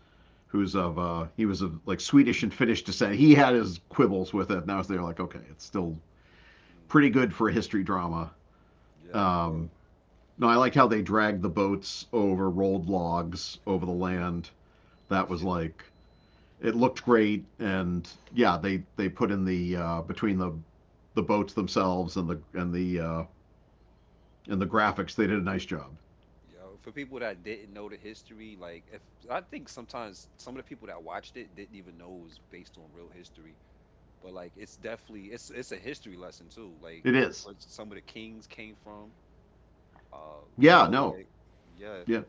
[SPEAKER 2] who's of uh, he was of like Swedish and Finnish descent. He had his quibbles with it, and I was there like, okay, it's still
[SPEAKER 1] mm,
[SPEAKER 2] pretty good for a history drama.
[SPEAKER 1] yeah, for real.
[SPEAKER 2] Um, no, I liked how they dragged the boats over rolled logs over the
[SPEAKER 1] Hmm.
[SPEAKER 2] land that was
[SPEAKER 1] Yeah,
[SPEAKER 2] like it looked great, and yeah, they they put in the uh, between the the boats themselves and the and the uh, and the graphics, they did a nice job.
[SPEAKER 1] yeah. For people that didn't know the history, like if I think sometimes some of the people that watched it didn't even know it was based on real history, but like it's definitely it's it's a history lesson too. Like
[SPEAKER 2] It is,
[SPEAKER 1] where some of the kings came from. Uh, you
[SPEAKER 2] yeah,
[SPEAKER 1] know,
[SPEAKER 2] no,
[SPEAKER 1] like yeah,
[SPEAKER 2] yeah,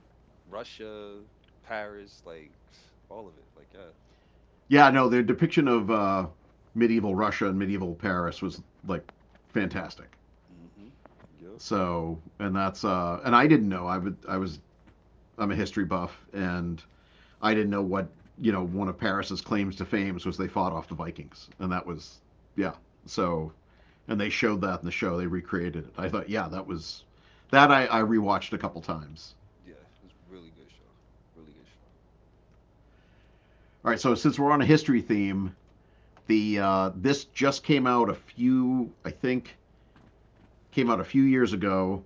[SPEAKER 1] Russia, Paris, like all of it. Like yeah.
[SPEAKER 2] yeah, no, their depiction of uh, medieval Russia and medieval Paris was like fantastic.
[SPEAKER 1] Mm-hmm. Yep.
[SPEAKER 2] So, and that's uh, and I didn't know I would I was I'm a history buff, and I didn't know what you know one of Paris's claims to fame was they fought off the Vikings, and that was yeah.
[SPEAKER 1] Hmm.
[SPEAKER 2] So and they
[SPEAKER 1] Yep.
[SPEAKER 2] showed that in the show. They recreated it. I thought, yeah, that was that I, I rewatched a couple times.
[SPEAKER 1] Yeah, it's really good show. Really good show.
[SPEAKER 2] All right, so since we're on a history theme, the uh, this just came out a few, I think, came out a few years ago,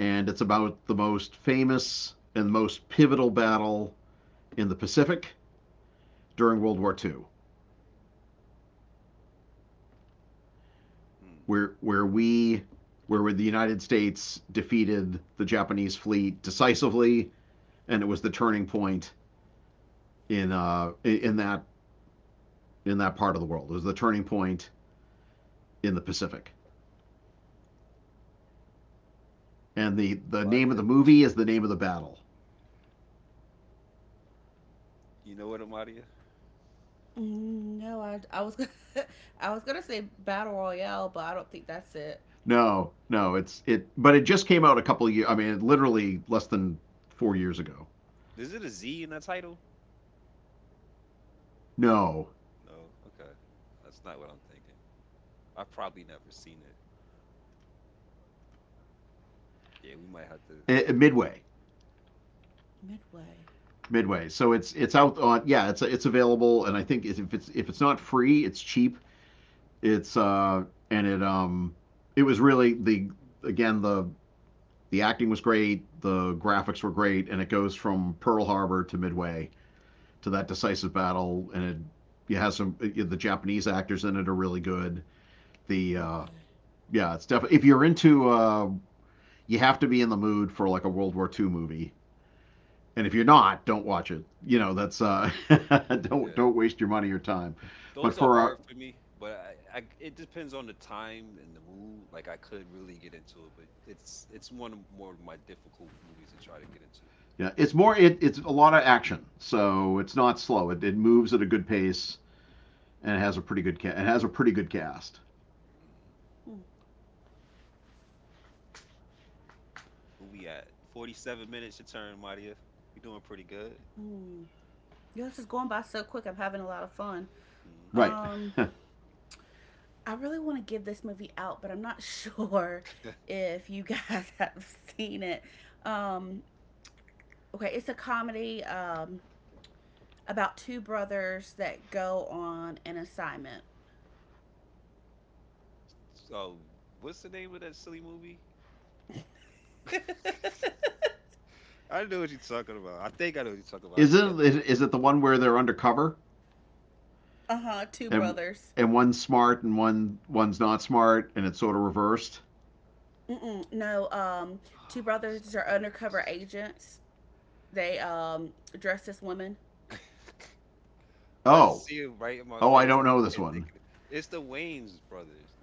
[SPEAKER 2] and it's about the most famous and most pivotal battle in the Pacific during World War two,
[SPEAKER 1] Mm.
[SPEAKER 2] where where we where the United States defeated the Japanese fleet decisively, and it was the turning point in uh, in that in that part of the world. It was the turning point in the Pacific. And the, the name of
[SPEAKER 1] Amadia,
[SPEAKER 2] the movie is the name of the battle.
[SPEAKER 1] you know what Amadia?
[SPEAKER 3] Mm, no, I I was gonna, I was gonna say battle royale, but I don't think that's it.
[SPEAKER 2] No, no, it's it, but it just came out a couple of years. I mean, literally less than four years ago.
[SPEAKER 1] Is it a Z in the title?
[SPEAKER 2] No,
[SPEAKER 1] No. Okay. That's not what I'm thinking. I've probably never seen it. Yeah, we might have to.
[SPEAKER 2] eh, eh, midway,
[SPEAKER 3] Midway.
[SPEAKER 2] midway. So it's it's out on yeah, it's it's available, and I think if it's if it's not free, it's cheap. It's uh, and it um, it was really the again the the acting was great, the graphics were great, and it goes from Pearl Harbor to Midway, to that decisive battle, and it, it has some it, the Japanese actors in it are really good. The uh,
[SPEAKER 3] Okay.
[SPEAKER 2] yeah, it's definitely if you're into uh, you have to be in the mood for like a World War two movie, and if you're not, don't watch it. You know that's uh, don't
[SPEAKER 1] Yeah.
[SPEAKER 2] don't waste your money or time. But
[SPEAKER 1] Those are
[SPEAKER 2] for a
[SPEAKER 1] hard for me, but I, I it depends on the time and the mood. Like I could really get into it, but it's it's one of more of my difficult movies to try to get into.
[SPEAKER 2] yeah, it's more it, it's a lot of action, so it's not slow. It, it moves at a good pace and it has a pretty good ca- it has a pretty good cast.
[SPEAKER 1] Mm.
[SPEAKER 3] Mm,
[SPEAKER 1] Where we at? forty-seven minutes your turn, Maria. You're doing pretty good.
[SPEAKER 3] mm. Yeah, this is going by so quick. I'm having a lot of fun.
[SPEAKER 1] Hmm.
[SPEAKER 2] Right.
[SPEAKER 3] Um, I really want to give this movie out, but I'm not sure if you guys have seen it. Um, okay, it's a comedy um, about two brothers that go on an assignment.
[SPEAKER 1] So, what's the name of that silly movie? I know what you're talking about. I think I know what you're talking about. I just can't
[SPEAKER 2] Isn't it, is it the one where they're undercover?
[SPEAKER 3] Uh huh, two
[SPEAKER 2] and
[SPEAKER 3] brothers.
[SPEAKER 2] and one's smart and one one's not smart, and it's sort of reversed.
[SPEAKER 3] Mm-mm, no, um, two
[SPEAKER 1] oh, what's
[SPEAKER 3] brothers are
[SPEAKER 1] the name of
[SPEAKER 3] undercover agents. They um, dress as women.
[SPEAKER 1] this? I
[SPEAKER 2] Oh,
[SPEAKER 1] just see it right in my
[SPEAKER 2] oh, I
[SPEAKER 1] face.
[SPEAKER 2] don't
[SPEAKER 1] I
[SPEAKER 2] know
[SPEAKER 1] just
[SPEAKER 2] this
[SPEAKER 1] can't think
[SPEAKER 2] one.
[SPEAKER 1] of it. It's the Wayne's brothers,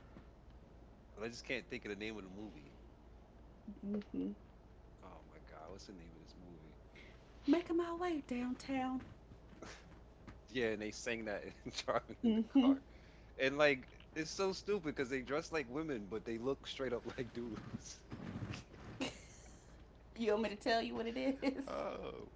[SPEAKER 1] but I just can't think of the name of the movie.
[SPEAKER 3] Mm-hmm.
[SPEAKER 1] Oh my god, what's the name of this movie?
[SPEAKER 3] Making my way downtown.
[SPEAKER 1] Yeah, and they sang that in driving in the
[SPEAKER 3] Mm-hmm.
[SPEAKER 1] car, and like it's so stupid because they dress like women, but they look straight up like dudes.
[SPEAKER 3] You want me to tell you what it is?
[SPEAKER 1] Oh,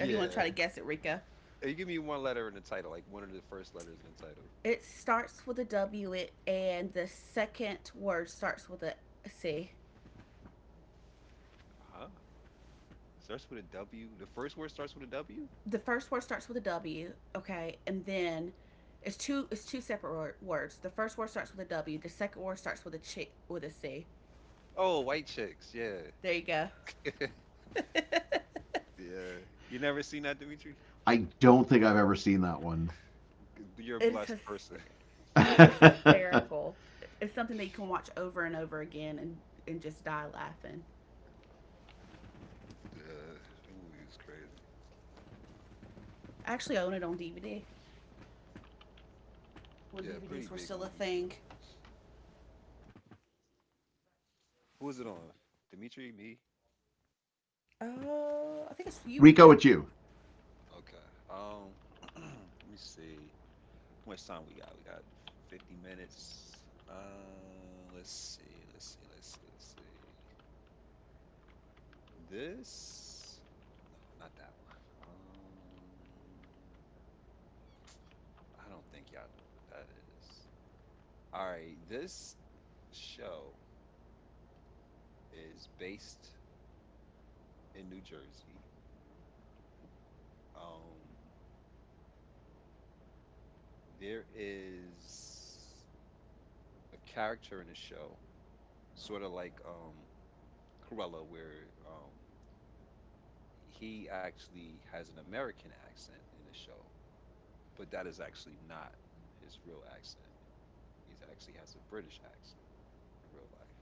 [SPEAKER 3] Or do you want to try to guess it, Rika?
[SPEAKER 1] And give me one letter in the title, like one of the first letters in the title.
[SPEAKER 3] It starts with a W, it, and the second word starts with a C.
[SPEAKER 1] Huh? Starts with a W. The first word starts with a W.
[SPEAKER 3] The first word starts with a W, okay, and then it's two. It's two separate wor- words. The first word starts with a W. The second word starts with a ch- with a C.
[SPEAKER 1] Oh, white chicks. Yeah.
[SPEAKER 3] There you go.
[SPEAKER 1] Yeah. You never seen that, Dimitri?
[SPEAKER 2] I don't think I've ever seen that one.
[SPEAKER 1] G- You're a
[SPEAKER 3] It's a
[SPEAKER 1] blessed person.
[SPEAKER 3] it's hysterical. It's something that you can watch over and over again and and just die laughing.
[SPEAKER 1] Yeah, that movie was crazy.
[SPEAKER 3] I actually own it on D V D when
[SPEAKER 1] Yeah, pretty
[SPEAKER 3] D V Ds were
[SPEAKER 1] big
[SPEAKER 3] still a
[SPEAKER 1] movie
[SPEAKER 3] thing.
[SPEAKER 1] too. Who is it on? Dimitri, me?
[SPEAKER 3] Oh, uh, I think it's
[SPEAKER 2] Rico,
[SPEAKER 3] Eureka.
[SPEAKER 2] it's you.
[SPEAKER 1] Okay. Um, let me see. How much time we got? We got fifty minutes. Uh, let's see. Let's see. Let's see. Let's see. This? No, not that one. Um, I don't think y'all know what that is. All right. This show is based in New Jersey. Um, there is a character in the show, sort of like um, Cruella, where um, he actually has an American accent in the show, but that is actually not his real accent. He actually has a British accent in real life.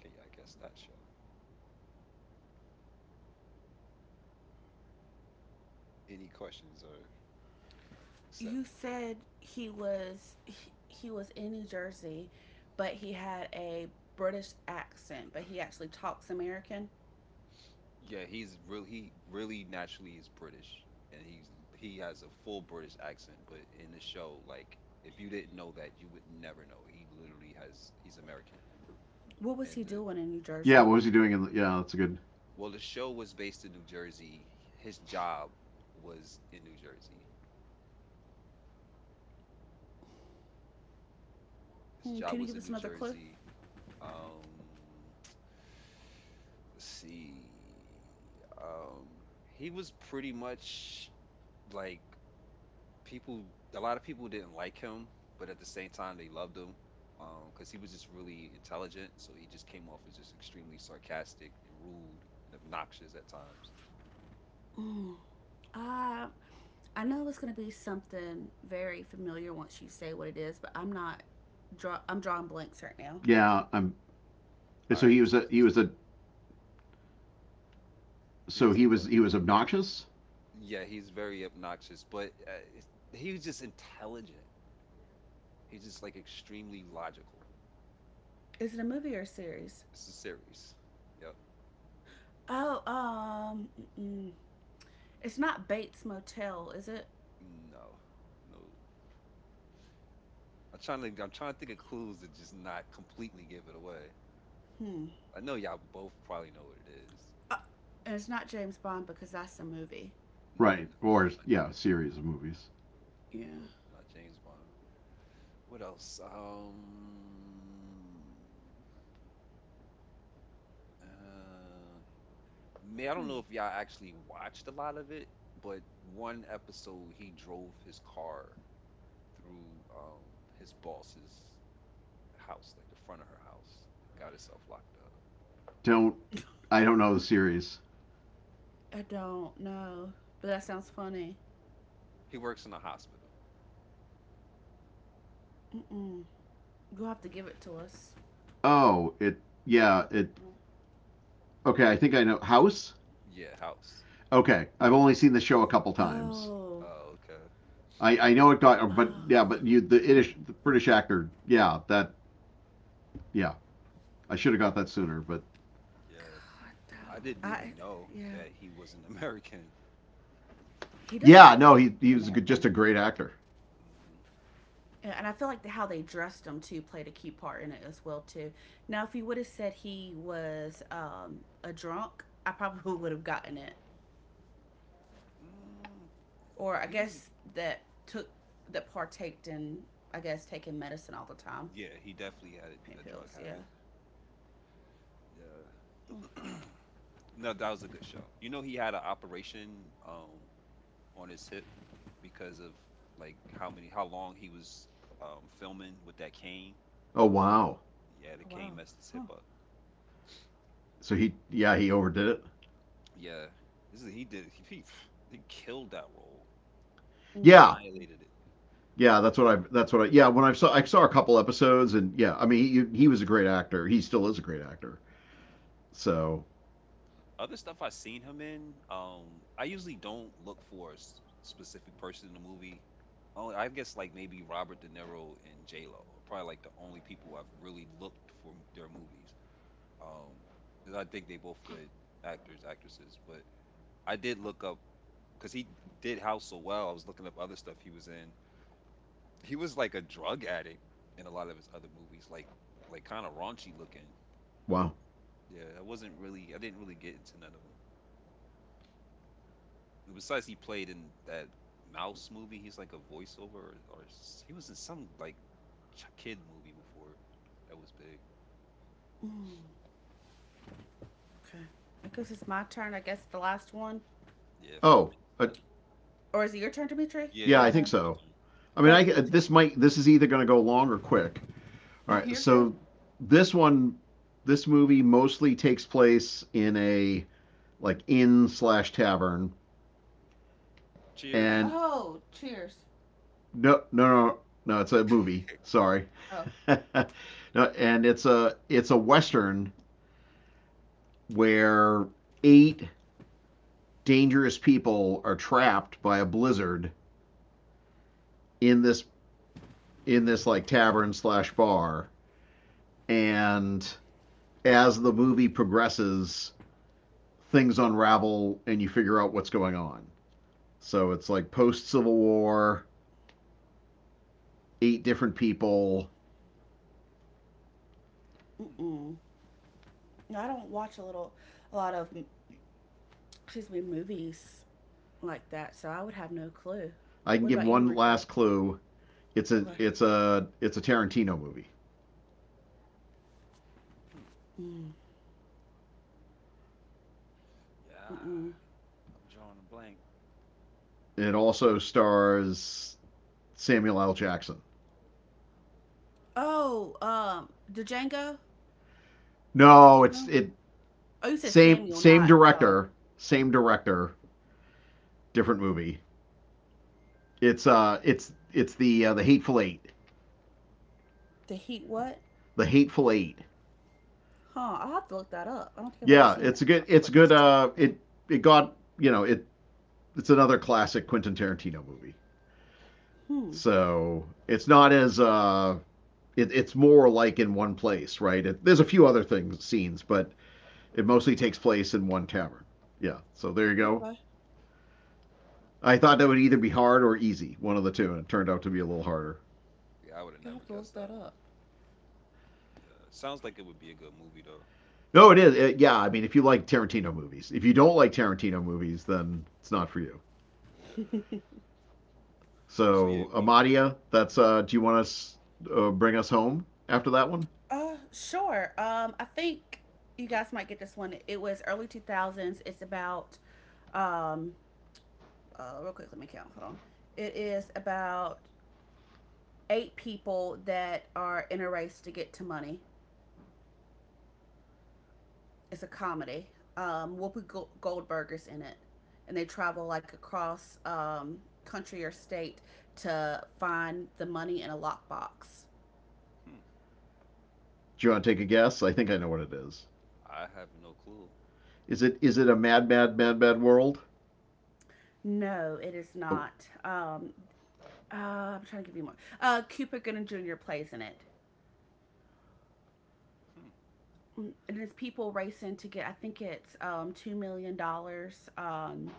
[SPEAKER 1] Okay, yeah, I guess that show. Any questions are, you know,
[SPEAKER 3] You
[SPEAKER 1] accepted.
[SPEAKER 3] said he was he, he was in New Jersey, but he had a British accent, but he actually talks American.
[SPEAKER 1] Yeah, he's really he really naturally is British, and he's he has a full British accent. But in the show, like if you didn't know that, you would never know. He literally has he's American.
[SPEAKER 3] What was he
[SPEAKER 1] And the
[SPEAKER 3] doing in New
[SPEAKER 2] Yeah, what
[SPEAKER 3] Jersey?
[SPEAKER 2] was he doing? In the, yeah, that's a good.
[SPEAKER 1] Well, the show was based in New Jersey. His job was in New Jersey. His
[SPEAKER 3] Hmm,
[SPEAKER 1] job
[SPEAKER 3] can you
[SPEAKER 1] was
[SPEAKER 3] give
[SPEAKER 1] in
[SPEAKER 3] us
[SPEAKER 1] New
[SPEAKER 3] another clue?
[SPEAKER 1] Jersey. Um, let's see. Um, he was pretty much like people a lot of people didn't like him, but at the same time they loved him because he was just really intelligent. So he just came off as just extremely sarcastic and rude and obnoxious at times.
[SPEAKER 3] Hmm. Uh, I know it's going to be something very familiar once you say what it is, but I'm not draw I'm drawing blanks right now.
[SPEAKER 2] Yeah, I'm.
[SPEAKER 1] All
[SPEAKER 2] So
[SPEAKER 1] right,
[SPEAKER 2] he was a he was a
[SPEAKER 1] he
[SPEAKER 2] so
[SPEAKER 1] was a
[SPEAKER 2] he
[SPEAKER 1] what?
[SPEAKER 2] was he was obnoxious,
[SPEAKER 1] Yeah, he's very obnoxious, but uh, it's- he was just intelligent. He's just like extremely logical.
[SPEAKER 3] Is it a movie or a series?
[SPEAKER 1] It's a series. Yep.
[SPEAKER 3] Oh, um mm-mm. It's not Bates Motel, is it?
[SPEAKER 1] No, no. I'm trying to I'm trying to think of clues to just not completely give it away.
[SPEAKER 3] Hmm.
[SPEAKER 1] I know y'all both probably know what it is.
[SPEAKER 3] Uh, and it's not James Bond because that's a movie.
[SPEAKER 2] right? Or
[SPEAKER 1] No,
[SPEAKER 2] yeah, a series of movies.
[SPEAKER 3] Yeah.
[SPEAKER 1] nope, not James Bond. What else? Um, uh, man, I don't
[SPEAKER 3] Hmm.
[SPEAKER 1] know if y'all actually watched a lot of it, but one episode he drove his car through um his boss's house, like the front of her house, and got himself locked up.
[SPEAKER 2] Don't I don't know the series.
[SPEAKER 3] I don't know, but that sounds
[SPEAKER 1] Mm.
[SPEAKER 3] funny.
[SPEAKER 1] He works in a hospital.
[SPEAKER 3] Mm-mm. You'll have to give it to us.
[SPEAKER 2] Oh, it yeah
[SPEAKER 3] Uh,
[SPEAKER 2] it okay. I think I know House.
[SPEAKER 1] Yeah, house.
[SPEAKER 2] Okay, I've only seen the show a couple times.
[SPEAKER 3] Oh,
[SPEAKER 1] Oh, okay.
[SPEAKER 2] I, I know it got, but yeah,
[SPEAKER 3] oh,
[SPEAKER 2] but you the British the British actor, yeah, that yeah, I should have got that sooner, but
[SPEAKER 1] Yeah,
[SPEAKER 3] God,
[SPEAKER 1] I didn't
[SPEAKER 3] no. I,
[SPEAKER 1] even know
[SPEAKER 3] yeah,
[SPEAKER 1] that he was an American.
[SPEAKER 3] he doesn't
[SPEAKER 2] yeah,
[SPEAKER 3] look
[SPEAKER 2] no, he he was just
[SPEAKER 3] American,
[SPEAKER 2] a great actor.
[SPEAKER 1] Hmm
[SPEAKER 3] and and I feel like the, how they dressed him too played a key part in it as well too. Now, if you would have said he was um a drunk, I probably would have gotten it,
[SPEAKER 1] Mm,
[SPEAKER 3] or I
[SPEAKER 1] he was.
[SPEAKER 3] guess that took that partaked in, I guess, taking medicine all the time,
[SPEAKER 1] Yeah, he definitely had
[SPEAKER 3] pain
[SPEAKER 1] a drug
[SPEAKER 3] pills.
[SPEAKER 1] habit.
[SPEAKER 3] Yeah.
[SPEAKER 1] Yeah.
[SPEAKER 3] Hmm.
[SPEAKER 1] No, that was a good show. You know, he had an operation um on his hip because of like how many how long he was um filming with that cane.
[SPEAKER 2] Oh wow,
[SPEAKER 1] Yeah, the
[SPEAKER 3] Oh,
[SPEAKER 1] cane
[SPEAKER 3] wow.
[SPEAKER 1] messed his hip
[SPEAKER 3] Huh.
[SPEAKER 1] up.
[SPEAKER 2] so he yeah he overdid it.
[SPEAKER 1] Yeah, this is he did he he, he killed that role,
[SPEAKER 3] Mm.
[SPEAKER 2] Yeah,
[SPEAKER 1] annihilated it.
[SPEAKER 2] yeah, that's what I that's what I yeah when I saw I saw a couple episodes and yeah, I mean he he was a great actor. He still is a great actor.
[SPEAKER 1] Mm-hmm.
[SPEAKER 2] So
[SPEAKER 1] Other stuff I've seen him in, um, I usually don't look for a s- specific person in the movie. Oh, I guess like maybe Robert De Niro and J Lo are probably like the only people I've really looked for m- their movies. Um, 'cause I think they both good actors, actresses, but I did look up because he did House so well. I was looking up other stuff he was in. He was like a drug addict in a lot of his other movies, like like kind of raunchy looking.
[SPEAKER 2] wow.
[SPEAKER 1] Yeah, I wasn't really, I didn't really get into none of them. Besides, he played in that Mouse movie. He's like a voiceover, or, or s- he was in some like ch- kid movie before that was big.
[SPEAKER 3] Mm. Okay. I guess it's my turn. I guess the last one.
[SPEAKER 1] Yeah, five
[SPEAKER 2] Oh
[SPEAKER 1] minutes
[SPEAKER 2] uh,
[SPEAKER 1] left.
[SPEAKER 3] Or is it your turn, Dimitri? I
[SPEAKER 2] yeah,
[SPEAKER 1] Yeah,
[SPEAKER 2] I
[SPEAKER 3] don't
[SPEAKER 1] it's the
[SPEAKER 2] think
[SPEAKER 3] know.
[SPEAKER 1] Dimitri
[SPEAKER 2] so.
[SPEAKER 1] time.
[SPEAKER 2] I
[SPEAKER 3] Go
[SPEAKER 2] mean,
[SPEAKER 3] ahead,
[SPEAKER 2] I uh,
[SPEAKER 3] Dimitri.
[SPEAKER 2] this might this is either going to go long or quick. All right,
[SPEAKER 3] You're good.
[SPEAKER 2] so this one, this movie mostly takes place in a like inn slash tavern,
[SPEAKER 1] Cheers.
[SPEAKER 2] and
[SPEAKER 3] Oh, cheers.
[SPEAKER 2] no, no, no, no, it's a movie. Sorry,
[SPEAKER 3] Oh.
[SPEAKER 2] no, and it's a it's a western where eight dangerous people are trapped by a blizzard in this in this like tavern slash bar, and as the movie progresses, things unravel and you figure out what's going on. So it's like post Civil War, eight different people.
[SPEAKER 1] Hmm.
[SPEAKER 3] Mm-mm. No, I don't watch a little, a lot of, mm, excuse me, movies like that, so I would have no clue.
[SPEAKER 2] I can
[SPEAKER 3] What
[SPEAKER 2] give
[SPEAKER 3] about you,
[SPEAKER 2] one
[SPEAKER 3] Rico?
[SPEAKER 2] last clue. It's a
[SPEAKER 3] Okay.
[SPEAKER 1] Yeah.
[SPEAKER 2] it's a it's a Tarantino movie.
[SPEAKER 1] Hmm.
[SPEAKER 3] Mm.
[SPEAKER 1] Yeah.
[SPEAKER 3] Mm-mm.
[SPEAKER 1] I'm drawing a blank.
[SPEAKER 2] It also stars Samuel L. Jackson.
[SPEAKER 3] Oh, um, the Django?
[SPEAKER 2] No, it's
[SPEAKER 3] No.
[SPEAKER 2] it
[SPEAKER 3] Oh, you said
[SPEAKER 2] same
[SPEAKER 3] Samuel,
[SPEAKER 2] same
[SPEAKER 3] not um,
[SPEAKER 2] director, same director, different movie. It's uh it's it's the uh, the Hateful Eight,
[SPEAKER 3] the Heat. What?
[SPEAKER 2] the Hateful Eight.
[SPEAKER 3] Huh. I'll have to look that up. I don't think
[SPEAKER 1] I
[SPEAKER 3] I've ever
[SPEAKER 1] have,
[SPEAKER 2] Yeah,
[SPEAKER 3] seen it.
[SPEAKER 2] it's a
[SPEAKER 1] I
[SPEAKER 2] good
[SPEAKER 1] feel
[SPEAKER 2] it's
[SPEAKER 1] like I
[SPEAKER 2] good.
[SPEAKER 1] see.
[SPEAKER 2] Uh, it it got you know it it's another classic Quentin Tarantino movie.
[SPEAKER 3] Hmm.
[SPEAKER 2] So it's not as uh it, it's more like in one place, right? It, there's a few other things scenes, but it mostly takes place in one tavern. Yeah, so there you go.
[SPEAKER 3] Okay.
[SPEAKER 2] I thought that would either be hard or easy, one of the two, and it turned out to be a little harder.
[SPEAKER 1] Yeah, I would have
[SPEAKER 3] You'll
[SPEAKER 1] never
[SPEAKER 3] have to
[SPEAKER 1] guessed
[SPEAKER 3] look that
[SPEAKER 1] that one.
[SPEAKER 3] up.
[SPEAKER 1] Yeah. Sounds like it would be a good movie though.
[SPEAKER 2] No, it is. It, yeah, I mean, if you like Tarantino movies, if you don't like Tarantino movies, then it's not for you.
[SPEAKER 1] Yeah. So yeah,
[SPEAKER 2] So,
[SPEAKER 1] we.
[SPEAKER 2] Amadia, that's. Uh, do you want us uh, bring us home after that one?
[SPEAKER 3] Uh, sure. Um, I think you guys might get this one. It was early two thousands. It's about, um, uh, real quick, let me count. Hold on. It is about eight people that are in a race to get to money. It's a comedy. Um, Whoopi Go- Goldberg is in it, and they travel like across um country or state to find the money in a lockbox.
[SPEAKER 1] Hmm.
[SPEAKER 2] Do you want to take a guess? I think I know what it is.
[SPEAKER 1] I have no clue.
[SPEAKER 2] Is it is it a Mad Mad Mad Mad World?
[SPEAKER 3] No, it is
[SPEAKER 2] Oh,
[SPEAKER 3] not. Um, Uh, I'm trying to give you more. Uh, Cooper Gooding Junior plays in it.
[SPEAKER 1] Hmm.
[SPEAKER 3] Mm, and it's people racing to get, I think it's um two million dollars. Dollars. Um,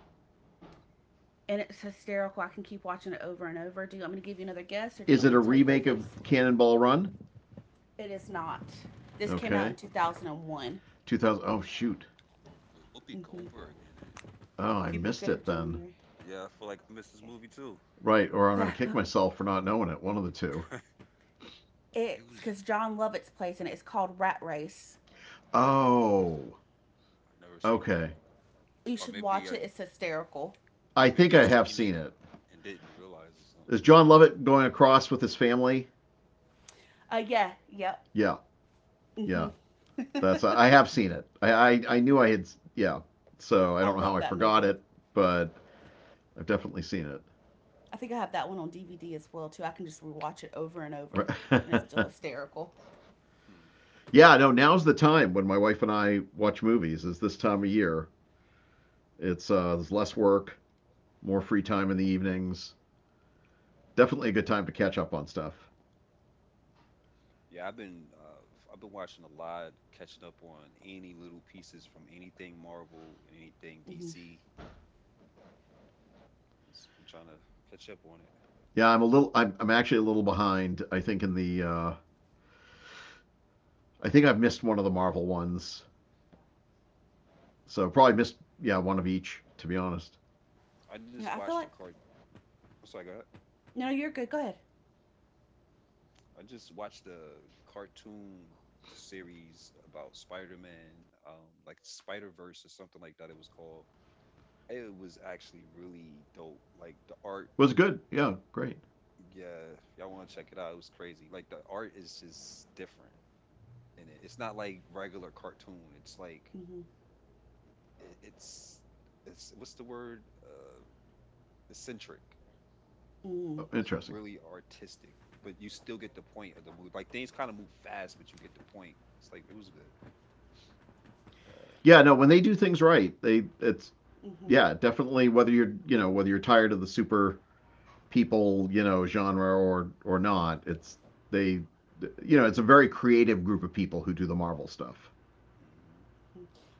[SPEAKER 3] And it's hysterical. I can keep watching it over and over. Do you want me to give you another guess or do you
[SPEAKER 2] is
[SPEAKER 3] want
[SPEAKER 2] it
[SPEAKER 3] me
[SPEAKER 2] a
[SPEAKER 3] to tell you what
[SPEAKER 2] remake
[SPEAKER 3] it is?
[SPEAKER 2] of Cannonball Run?
[SPEAKER 3] It is not. This came out
[SPEAKER 2] Okay,
[SPEAKER 3] in two thousand one.
[SPEAKER 2] two thousand. Oh shoot.
[SPEAKER 1] With Whoopi
[SPEAKER 3] Mm-hmm.
[SPEAKER 1] Goldberg in it.
[SPEAKER 2] Oh, I
[SPEAKER 3] Cooper
[SPEAKER 2] missed
[SPEAKER 3] Gooding
[SPEAKER 2] it then.
[SPEAKER 3] Junior
[SPEAKER 1] Yeah, I feel like I missed this movie too.
[SPEAKER 2] Right, or I'm going
[SPEAKER 3] Okay.
[SPEAKER 2] to
[SPEAKER 3] So
[SPEAKER 2] kick myself for not knowing it. One of the two.
[SPEAKER 1] It
[SPEAKER 3] it's
[SPEAKER 1] was.
[SPEAKER 3] because John Lovitz plays in it. It's called Rat Race.
[SPEAKER 2] Oh,
[SPEAKER 1] I've never seen that,
[SPEAKER 2] okay.
[SPEAKER 3] You
[SPEAKER 1] or
[SPEAKER 3] should
[SPEAKER 1] maybe
[SPEAKER 3] watch
[SPEAKER 1] I
[SPEAKER 3] it. It's hysterical.
[SPEAKER 2] I think
[SPEAKER 1] maybe I
[SPEAKER 2] I have
[SPEAKER 1] seen
[SPEAKER 2] seen
[SPEAKER 1] it
[SPEAKER 2] it.
[SPEAKER 1] and didn't realize or
[SPEAKER 2] Is
[SPEAKER 1] something.
[SPEAKER 2] John Lovett going across with his family?
[SPEAKER 3] Uh, yeah, yep.
[SPEAKER 2] Yeah,
[SPEAKER 3] hmm
[SPEAKER 2] yeah. That's I have seen it. I I, I knew I had. Yeah. So I
[SPEAKER 3] I
[SPEAKER 2] don't know how
[SPEAKER 3] love
[SPEAKER 2] I
[SPEAKER 3] that
[SPEAKER 2] forgot
[SPEAKER 3] movie.
[SPEAKER 2] it, but I've definitely seen it.
[SPEAKER 3] I think I have that one on D V D as well too. I can just rewatch it over and
[SPEAKER 2] Right.
[SPEAKER 3] over, and it's still hysterical.
[SPEAKER 1] Hmm.
[SPEAKER 2] yeah. No. Now's the time when my wife and I watch movies. Is this time of year? It's uh, there's less work, more free time in the evenings. Definitely a good time to catch up on stuff.
[SPEAKER 1] Yeah, I've been uh, f- I've been watching a lot, catching up on any little pieces from anything Marvel and anything
[SPEAKER 3] hmm
[SPEAKER 1] D C. Just been trying to catch up on it.
[SPEAKER 2] Yeah, I'm a little. I'm, I'm actually a little behind. I think in the. Uh, I think I've missed one of the Marvel ones. So probably missed. Yeah, one of each. To be honest,
[SPEAKER 1] I just
[SPEAKER 3] Yeah, I feel
[SPEAKER 1] watched a
[SPEAKER 3] like
[SPEAKER 1] cart. I'm sorry, go ahead.
[SPEAKER 3] no, no, you're good. Go ahead.
[SPEAKER 1] I just watched a cartoon series about Spider-Man, um, like Spider-Verse or something like that. It was called. It was actually really dope. Like the art
[SPEAKER 2] was good. Yeah, great.
[SPEAKER 1] Yeah, if y'all want to check it out. It was crazy. Like the art is just different, and it, it's not like regular cartoon. It's like
[SPEAKER 3] Hmm.
[SPEAKER 1] it, it's it's what's the word? Uh, eccentric.
[SPEAKER 3] Hmm.
[SPEAKER 2] Oh,
[SPEAKER 1] It's
[SPEAKER 2] interesting.
[SPEAKER 1] really artistic, but you still get the point of the move. Like things kind of move fast, but you get the point. It's like it was good. Uh,
[SPEAKER 2] Yeah, no. When they do things right, they it's
[SPEAKER 3] Hmm.
[SPEAKER 2] yeah definitely whether you're you know whether you're tired of the super people you know genre or or not, it's they you know it's a
[SPEAKER 3] Hmm.
[SPEAKER 2] very creative group of people who do the Marvel stuff.
[SPEAKER 1] mhm,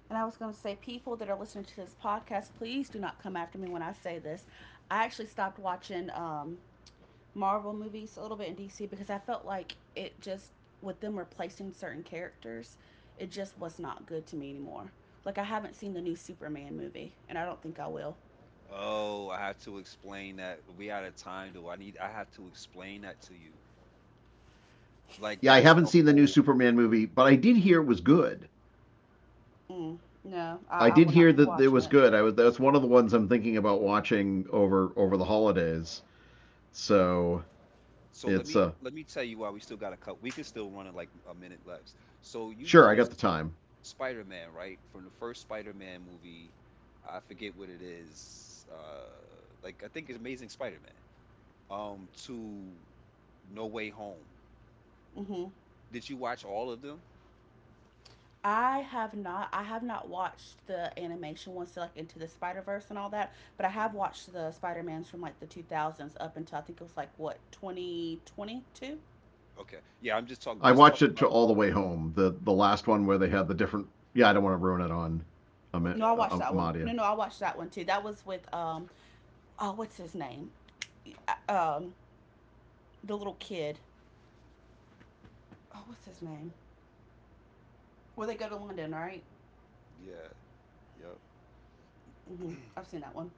[SPEAKER 3] And I
[SPEAKER 1] yep.
[SPEAKER 3] was going to say, people that are listening to this podcast, please do not come after me when I say this. I actually stopped watching um, Marvel movies a little bit in D C because I felt like it just with them replacing certain characters, it just was not good to me anymore. Like I haven't seen the new Superman movie, and I don't think I will.
[SPEAKER 1] Oh, I have to explain that. We out of time, though. I need. I have to explain that to you. Like
[SPEAKER 2] Yeah, I
[SPEAKER 1] that's
[SPEAKER 2] haven't
[SPEAKER 1] the
[SPEAKER 2] seen the new
[SPEAKER 1] whole
[SPEAKER 2] Superman movie, but I did hear it was good.
[SPEAKER 3] Mm, no, I,
[SPEAKER 2] I
[SPEAKER 3] I
[SPEAKER 2] did
[SPEAKER 3] will not
[SPEAKER 2] hear
[SPEAKER 3] be
[SPEAKER 2] that it
[SPEAKER 3] watching
[SPEAKER 2] was
[SPEAKER 3] it.
[SPEAKER 2] good. I was that's one of the ones I'm thinking about watching over over the holidays. So
[SPEAKER 1] So let
[SPEAKER 2] it's
[SPEAKER 1] me
[SPEAKER 2] uh
[SPEAKER 1] let me tell you why we still got a cup. We can still run it like a minute left. So you
[SPEAKER 2] sure I got
[SPEAKER 1] notice
[SPEAKER 2] the time.
[SPEAKER 1] Spider-Man, right? From the first Spider-Man movie, I forget what it is. Uh, like I think it's Amazing Spider-Man. Um, to No Way Home.
[SPEAKER 3] Hmm.
[SPEAKER 1] Did you watch all of them?
[SPEAKER 3] I have not. I have not watched the animation ones, so like into the Spider Verse and all that. But I have
[SPEAKER 1] Mhm.
[SPEAKER 3] watched the Spider Mans from like the two thousands up until I think it was like what twenty twenty two.
[SPEAKER 1] Okay. Yeah, I'm just talking
[SPEAKER 2] I
[SPEAKER 1] just
[SPEAKER 2] watched it
[SPEAKER 1] talking
[SPEAKER 2] to
[SPEAKER 1] about
[SPEAKER 2] all the way home. The the last one where they had the different. Yeah, I don't want to ruin it on Am-
[SPEAKER 3] No, I
[SPEAKER 1] okay.
[SPEAKER 2] uh,
[SPEAKER 3] watched
[SPEAKER 2] um,
[SPEAKER 3] that one. No,
[SPEAKER 2] Amadia.
[SPEAKER 3] no, I watched that one too. That was with um, oh, what's his name? Uh, Um, the little kid. Oh, what's his name? Where they go to London, right?
[SPEAKER 1] Yeah. Yep.
[SPEAKER 3] Mm-hmm. I've seen that one.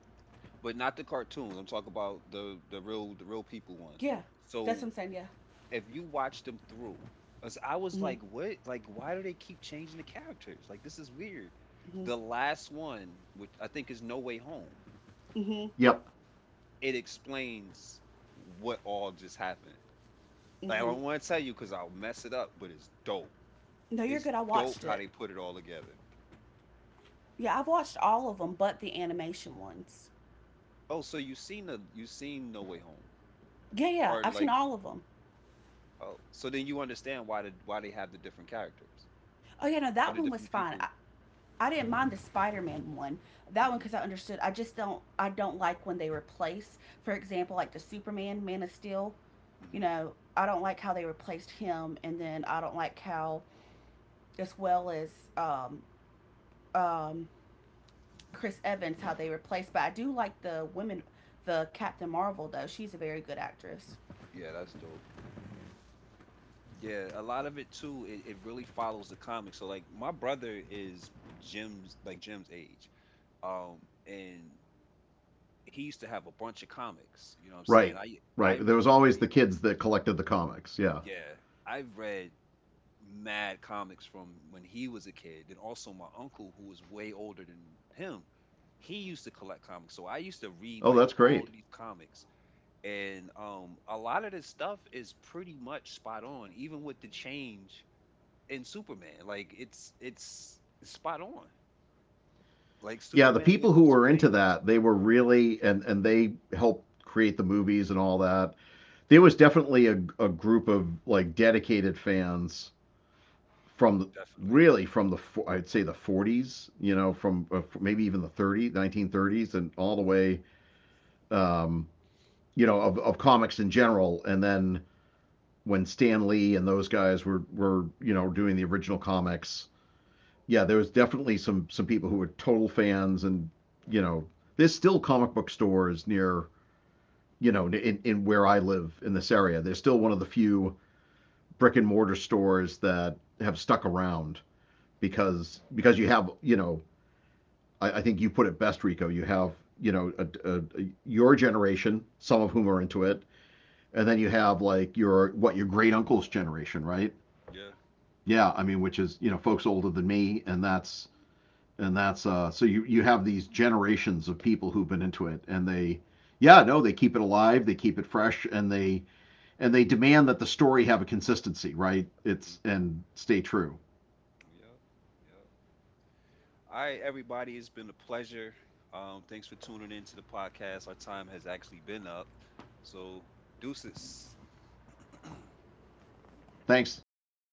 [SPEAKER 1] But not the cartoons. I'm talking about the the real the real people one.
[SPEAKER 3] Yeah, that's
[SPEAKER 1] So
[SPEAKER 3] what I'm saying. Yeah.
[SPEAKER 1] if you watch them through, as I was
[SPEAKER 3] Mm-hmm.
[SPEAKER 1] like, what? Like, why do they keep changing the characters? Like, this is weird.
[SPEAKER 3] Mm-hmm.
[SPEAKER 1] The last one, which I think is No Way Home,
[SPEAKER 3] Mm-hmm.
[SPEAKER 2] Yep,
[SPEAKER 1] it explains what all just happened. Like, I
[SPEAKER 3] Mm-hmm.
[SPEAKER 1] don't want to tell you because I'll mess it up, but it's dope.
[SPEAKER 3] No, you're
[SPEAKER 1] It's
[SPEAKER 3] good. I
[SPEAKER 1] dope
[SPEAKER 3] watched
[SPEAKER 1] how
[SPEAKER 3] it.
[SPEAKER 1] they put it all together.
[SPEAKER 3] Yeah, I've watched all of them, but the animation ones.
[SPEAKER 1] Oh, so you seen the you seen No Way Home,
[SPEAKER 3] Yeah, yeah,
[SPEAKER 1] or
[SPEAKER 3] I've seen
[SPEAKER 1] like,
[SPEAKER 3] all of them.
[SPEAKER 1] oh, so then you understand why the why they have the different characters,
[SPEAKER 3] Oh yeah, no,
[SPEAKER 1] or
[SPEAKER 3] that
[SPEAKER 1] the
[SPEAKER 3] one was
[SPEAKER 1] different
[SPEAKER 3] fine.
[SPEAKER 1] people.
[SPEAKER 3] I, I didn't mind the Spider-Man one. That one
[SPEAKER 1] Hmm
[SPEAKER 3] because I understood. I just don't. I don't like when they replace, for example, like the Superman, Man of Steel. You
[SPEAKER 1] hmm
[SPEAKER 3] know, I don't like how they replaced him, and then I don't like how, as well as um, Chris Evans, how they replaced. But I do like the women, the Captain Marvel though. She's a very good actress.
[SPEAKER 1] Yeah, that's dope. Yeah, a lot of it too, it, it really follows the comics. So like my brother is Jim's like Jim's age. Um and he used to have a bunch of comics, you know what I'm saying?
[SPEAKER 2] right,
[SPEAKER 1] I I
[SPEAKER 2] right. There
[SPEAKER 1] used
[SPEAKER 2] was
[SPEAKER 1] to
[SPEAKER 2] always the
[SPEAKER 1] read
[SPEAKER 2] kids that collected the comics. Yeah.
[SPEAKER 1] yeah, I've read mad comics from when he was a kid and also my uncle who was way older than him. He used to collect comics. So I used to read
[SPEAKER 2] Oh,
[SPEAKER 1] like
[SPEAKER 2] that's
[SPEAKER 1] all
[SPEAKER 2] great.
[SPEAKER 1] these comics and um a lot of this stuff is pretty much spot on even with the change in Superman. Like it's it's it's spot on. Like
[SPEAKER 2] Yeah, the
[SPEAKER 1] Superman
[SPEAKER 2] people
[SPEAKER 1] went
[SPEAKER 2] who
[SPEAKER 1] through some
[SPEAKER 2] were into
[SPEAKER 1] changes.
[SPEAKER 2] that, they were really and and they helped create the movies and all that. There was definitely a a group of like dedicated fans from the-
[SPEAKER 1] Definitely.
[SPEAKER 2] really from the I'd say the forties, you know, from uh, maybe even the thirties, nineteen thirties and all the way um, you know of, of comics in general and then when Stan Lee and those guys were were you know doing the original comics, yeah, there was definitely some some people who were total fans and you know there's still comic book stores near you know in, in where I live in this area. There's still one of the few brick and mortar stores that have stuck around
[SPEAKER 1] Yeah.
[SPEAKER 2] because because you have you know I, I think you put it best, Rico. You have you know a, a, a- your generation, some of whom are into it, and then you have like your what your great uncle's generation, right?
[SPEAKER 1] Yeah.
[SPEAKER 2] Yeah, I mean, which is you know folks older than me, and that's and that's uh, so you you have these generations of people who've been into it, and they yeah no they keep it alive, they keep it fresh, and they and they demand that the story have a consistency, right? It's
[SPEAKER 1] Mm-hmm.
[SPEAKER 2] and stay true.
[SPEAKER 1] Yep. Yep. All right, everybody. It's been a pleasure. Um, thanks for tuning in to the podcast. Our time has actually been up. So, deuces.
[SPEAKER 2] Thanks, thanks everyone.